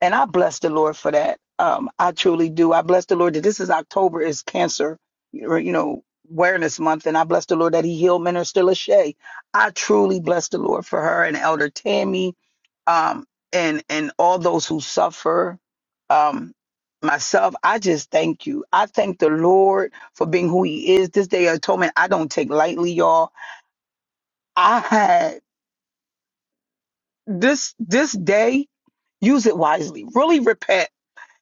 Speaker 5: and I bless the Lord for that. Um, I truly do. I bless the Lord that this is October is cancer, you know, awareness month. And I bless the Lord that he healed Minister Lachey. I truly bless the Lord for her and Elder Tammy, um, and, and all those who suffer. Um, myself, I just thank you. I thank the Lord for being who he is. This day of atonement, I don't take lightly, y'all. I had this, this day, use it wisely, really repent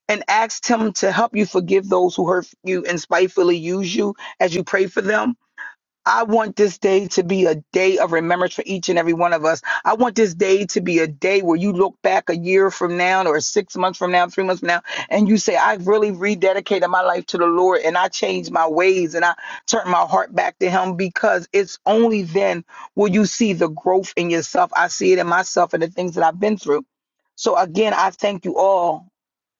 Speaker 5: and asked him to help you forgive those who hurt you and spitefully use you as you pray for them I want this day to be a day of remembrance for each and every one of us. I want this day to be a day where you look back a year from now or six months from now, three months from now, and you say, I really rededicated my life to the Lord and I changed my ways and I turned my heart back to Him because it's only then will you see the growth in yourself. I see it in myself and the things that I've been through. So again, I thank you all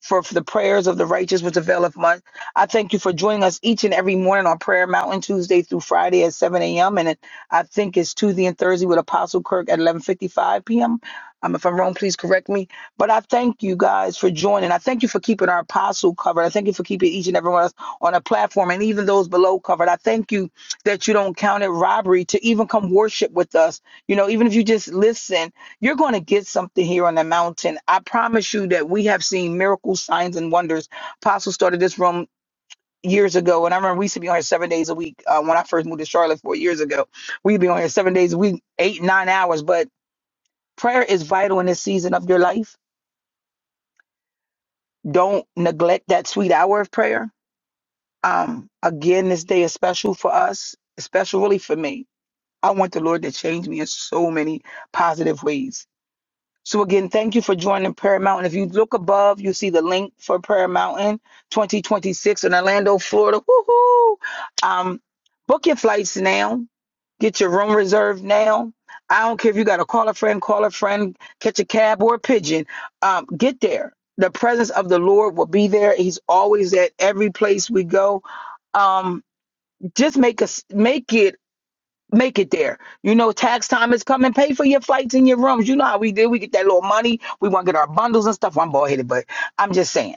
Speaker 5: for, for the prayers of the righteous, which availeth much. I thank you for joining us each and every morning on Prayer Mountain Tuesday through Friday at 7 a.m. And I think it's Tuesday and Thursday with Apostle Kirk at 11:55 p.m. Um, if I'm wrong, please correct me. But I thank you guys for joining. I thank you for keeping our apostle covered. I thank you for keeping each and every one of us on a platform and even those below covered. I thank you that you don't count it robbery to even come worship with us. You know, even if you just listen, you're going to get something here on the mountain. I promise you that we have seen miracles, signs, and wonders. Apostle started this room years ago, and I remember we used to be on here seven days a week uh, when I first moved to Charlotte four years ago. We'd be on here seven days a week, eight nine hours. But prayer is vital in this season of your life. Don't neglect that sweet hour of prayer. Um, again, this day is special for us, especially really for me. I want the Lord to change me in so many positive ways. So again, thank you for joining Prayer Mountain. If you look above, you see the link for Prayer Mountain 2026 in Orlando, Florida. Woohoo! Um, book your flights now. Get your room reserved now. I don't care if you got to call a friend, call a friend, catch a cab or a pigeon. Um, get there. The presence of the Lord will be there. He's always at every place we go. Um, just make us make it make it there. You know, tax time is coming. Pay for your flights and your rooms. You know how we do. We get that little money. We want to get our bundles and stuff. I'm bald headed, but I'm just saying.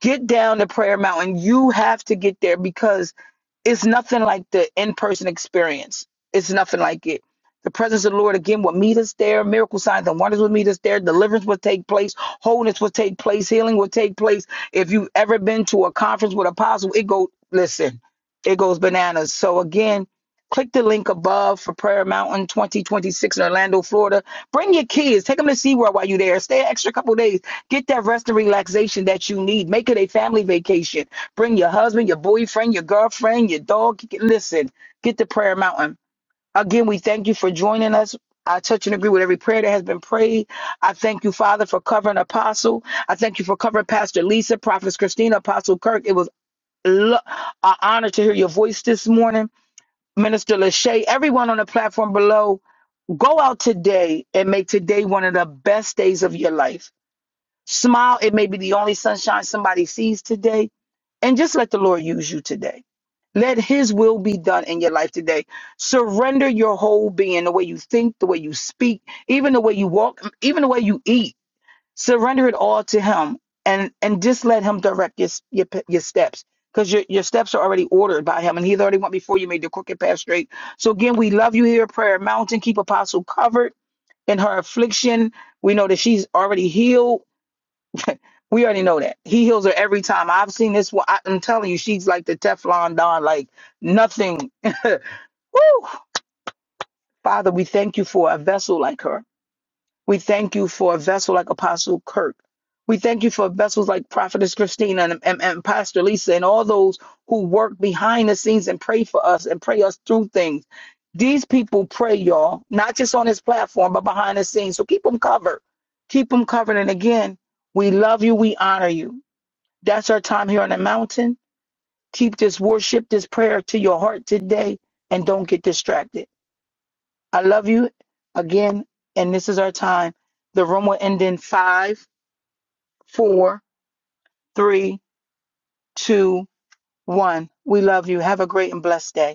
Speaker 5: Get down to Prayer Mountain. You have to get there because it's nothing like the in person experience. It's nothing like it. The presence of the Lord again will meet us there. Miracle signs and wonders will meet us there. Deliverance will take place. Wholeness will take place. Healing will take place. If you've ever been to a conference with apostle, it go listen, it goes bananas. So again, Click the link above for Prayer Mountain 2026 in Orlando, Florida. Bring your kids. Take them to SeaWorld while you're there. Stay an extra couple days. Get that rest and relaxation that you need. Make it a family vacation. Bring your husband, your boyfriend, your girlfriend, your dog. Listen, get to Prayer Mountain. Again, we thank you for joining us. I touch and agree with every prayer that has been prayed. I thank you, Father, for covering Apostle. I thank you for covering Pastor Lisa, Prophetess Christina, Apostle Kirk. It was lo- an honor to hear your voice this morning. Minister Lachey, everyone on the platform below, go out today and make today one of the best days of your life. Smile. It may be the only sunshine somebody sees today. And just let the Lord use you today. Let his will be done in your life today. Surrender your whole being, the way you think, the way you speak, even the way you walk, even the way you eat surrender it all to him and and just let him direct your your, your steps because your, your steps are already ordered by him and he's already went before you made the crooked path straight so again we love you here at prayer mountain keep apostle covered in her affliction we know that she's already healed we already know that he heals her every time i've seen this one I- i'm telling you she's like the teflon don like nothing Woo! father we thank you for a vessel like her We thank you for a vessel like Apostle Kirk. We thank you for vessels like Prophetess Christina and, and, and Pastor Lisa and all those who work behind the scenes and pray for us and pray us through things. These people pray, y'all, not just on this platform, but behind the scenes. So keep them covered. Keep them covered. And again, we love you. We honor you. That's our time here on the mountain. Keep this worship, this prayer to your heart today, and don't get distracted. I love you again, and this is our time. The room will end in five, four, three, two, one. We love you. Have a great and blessed day.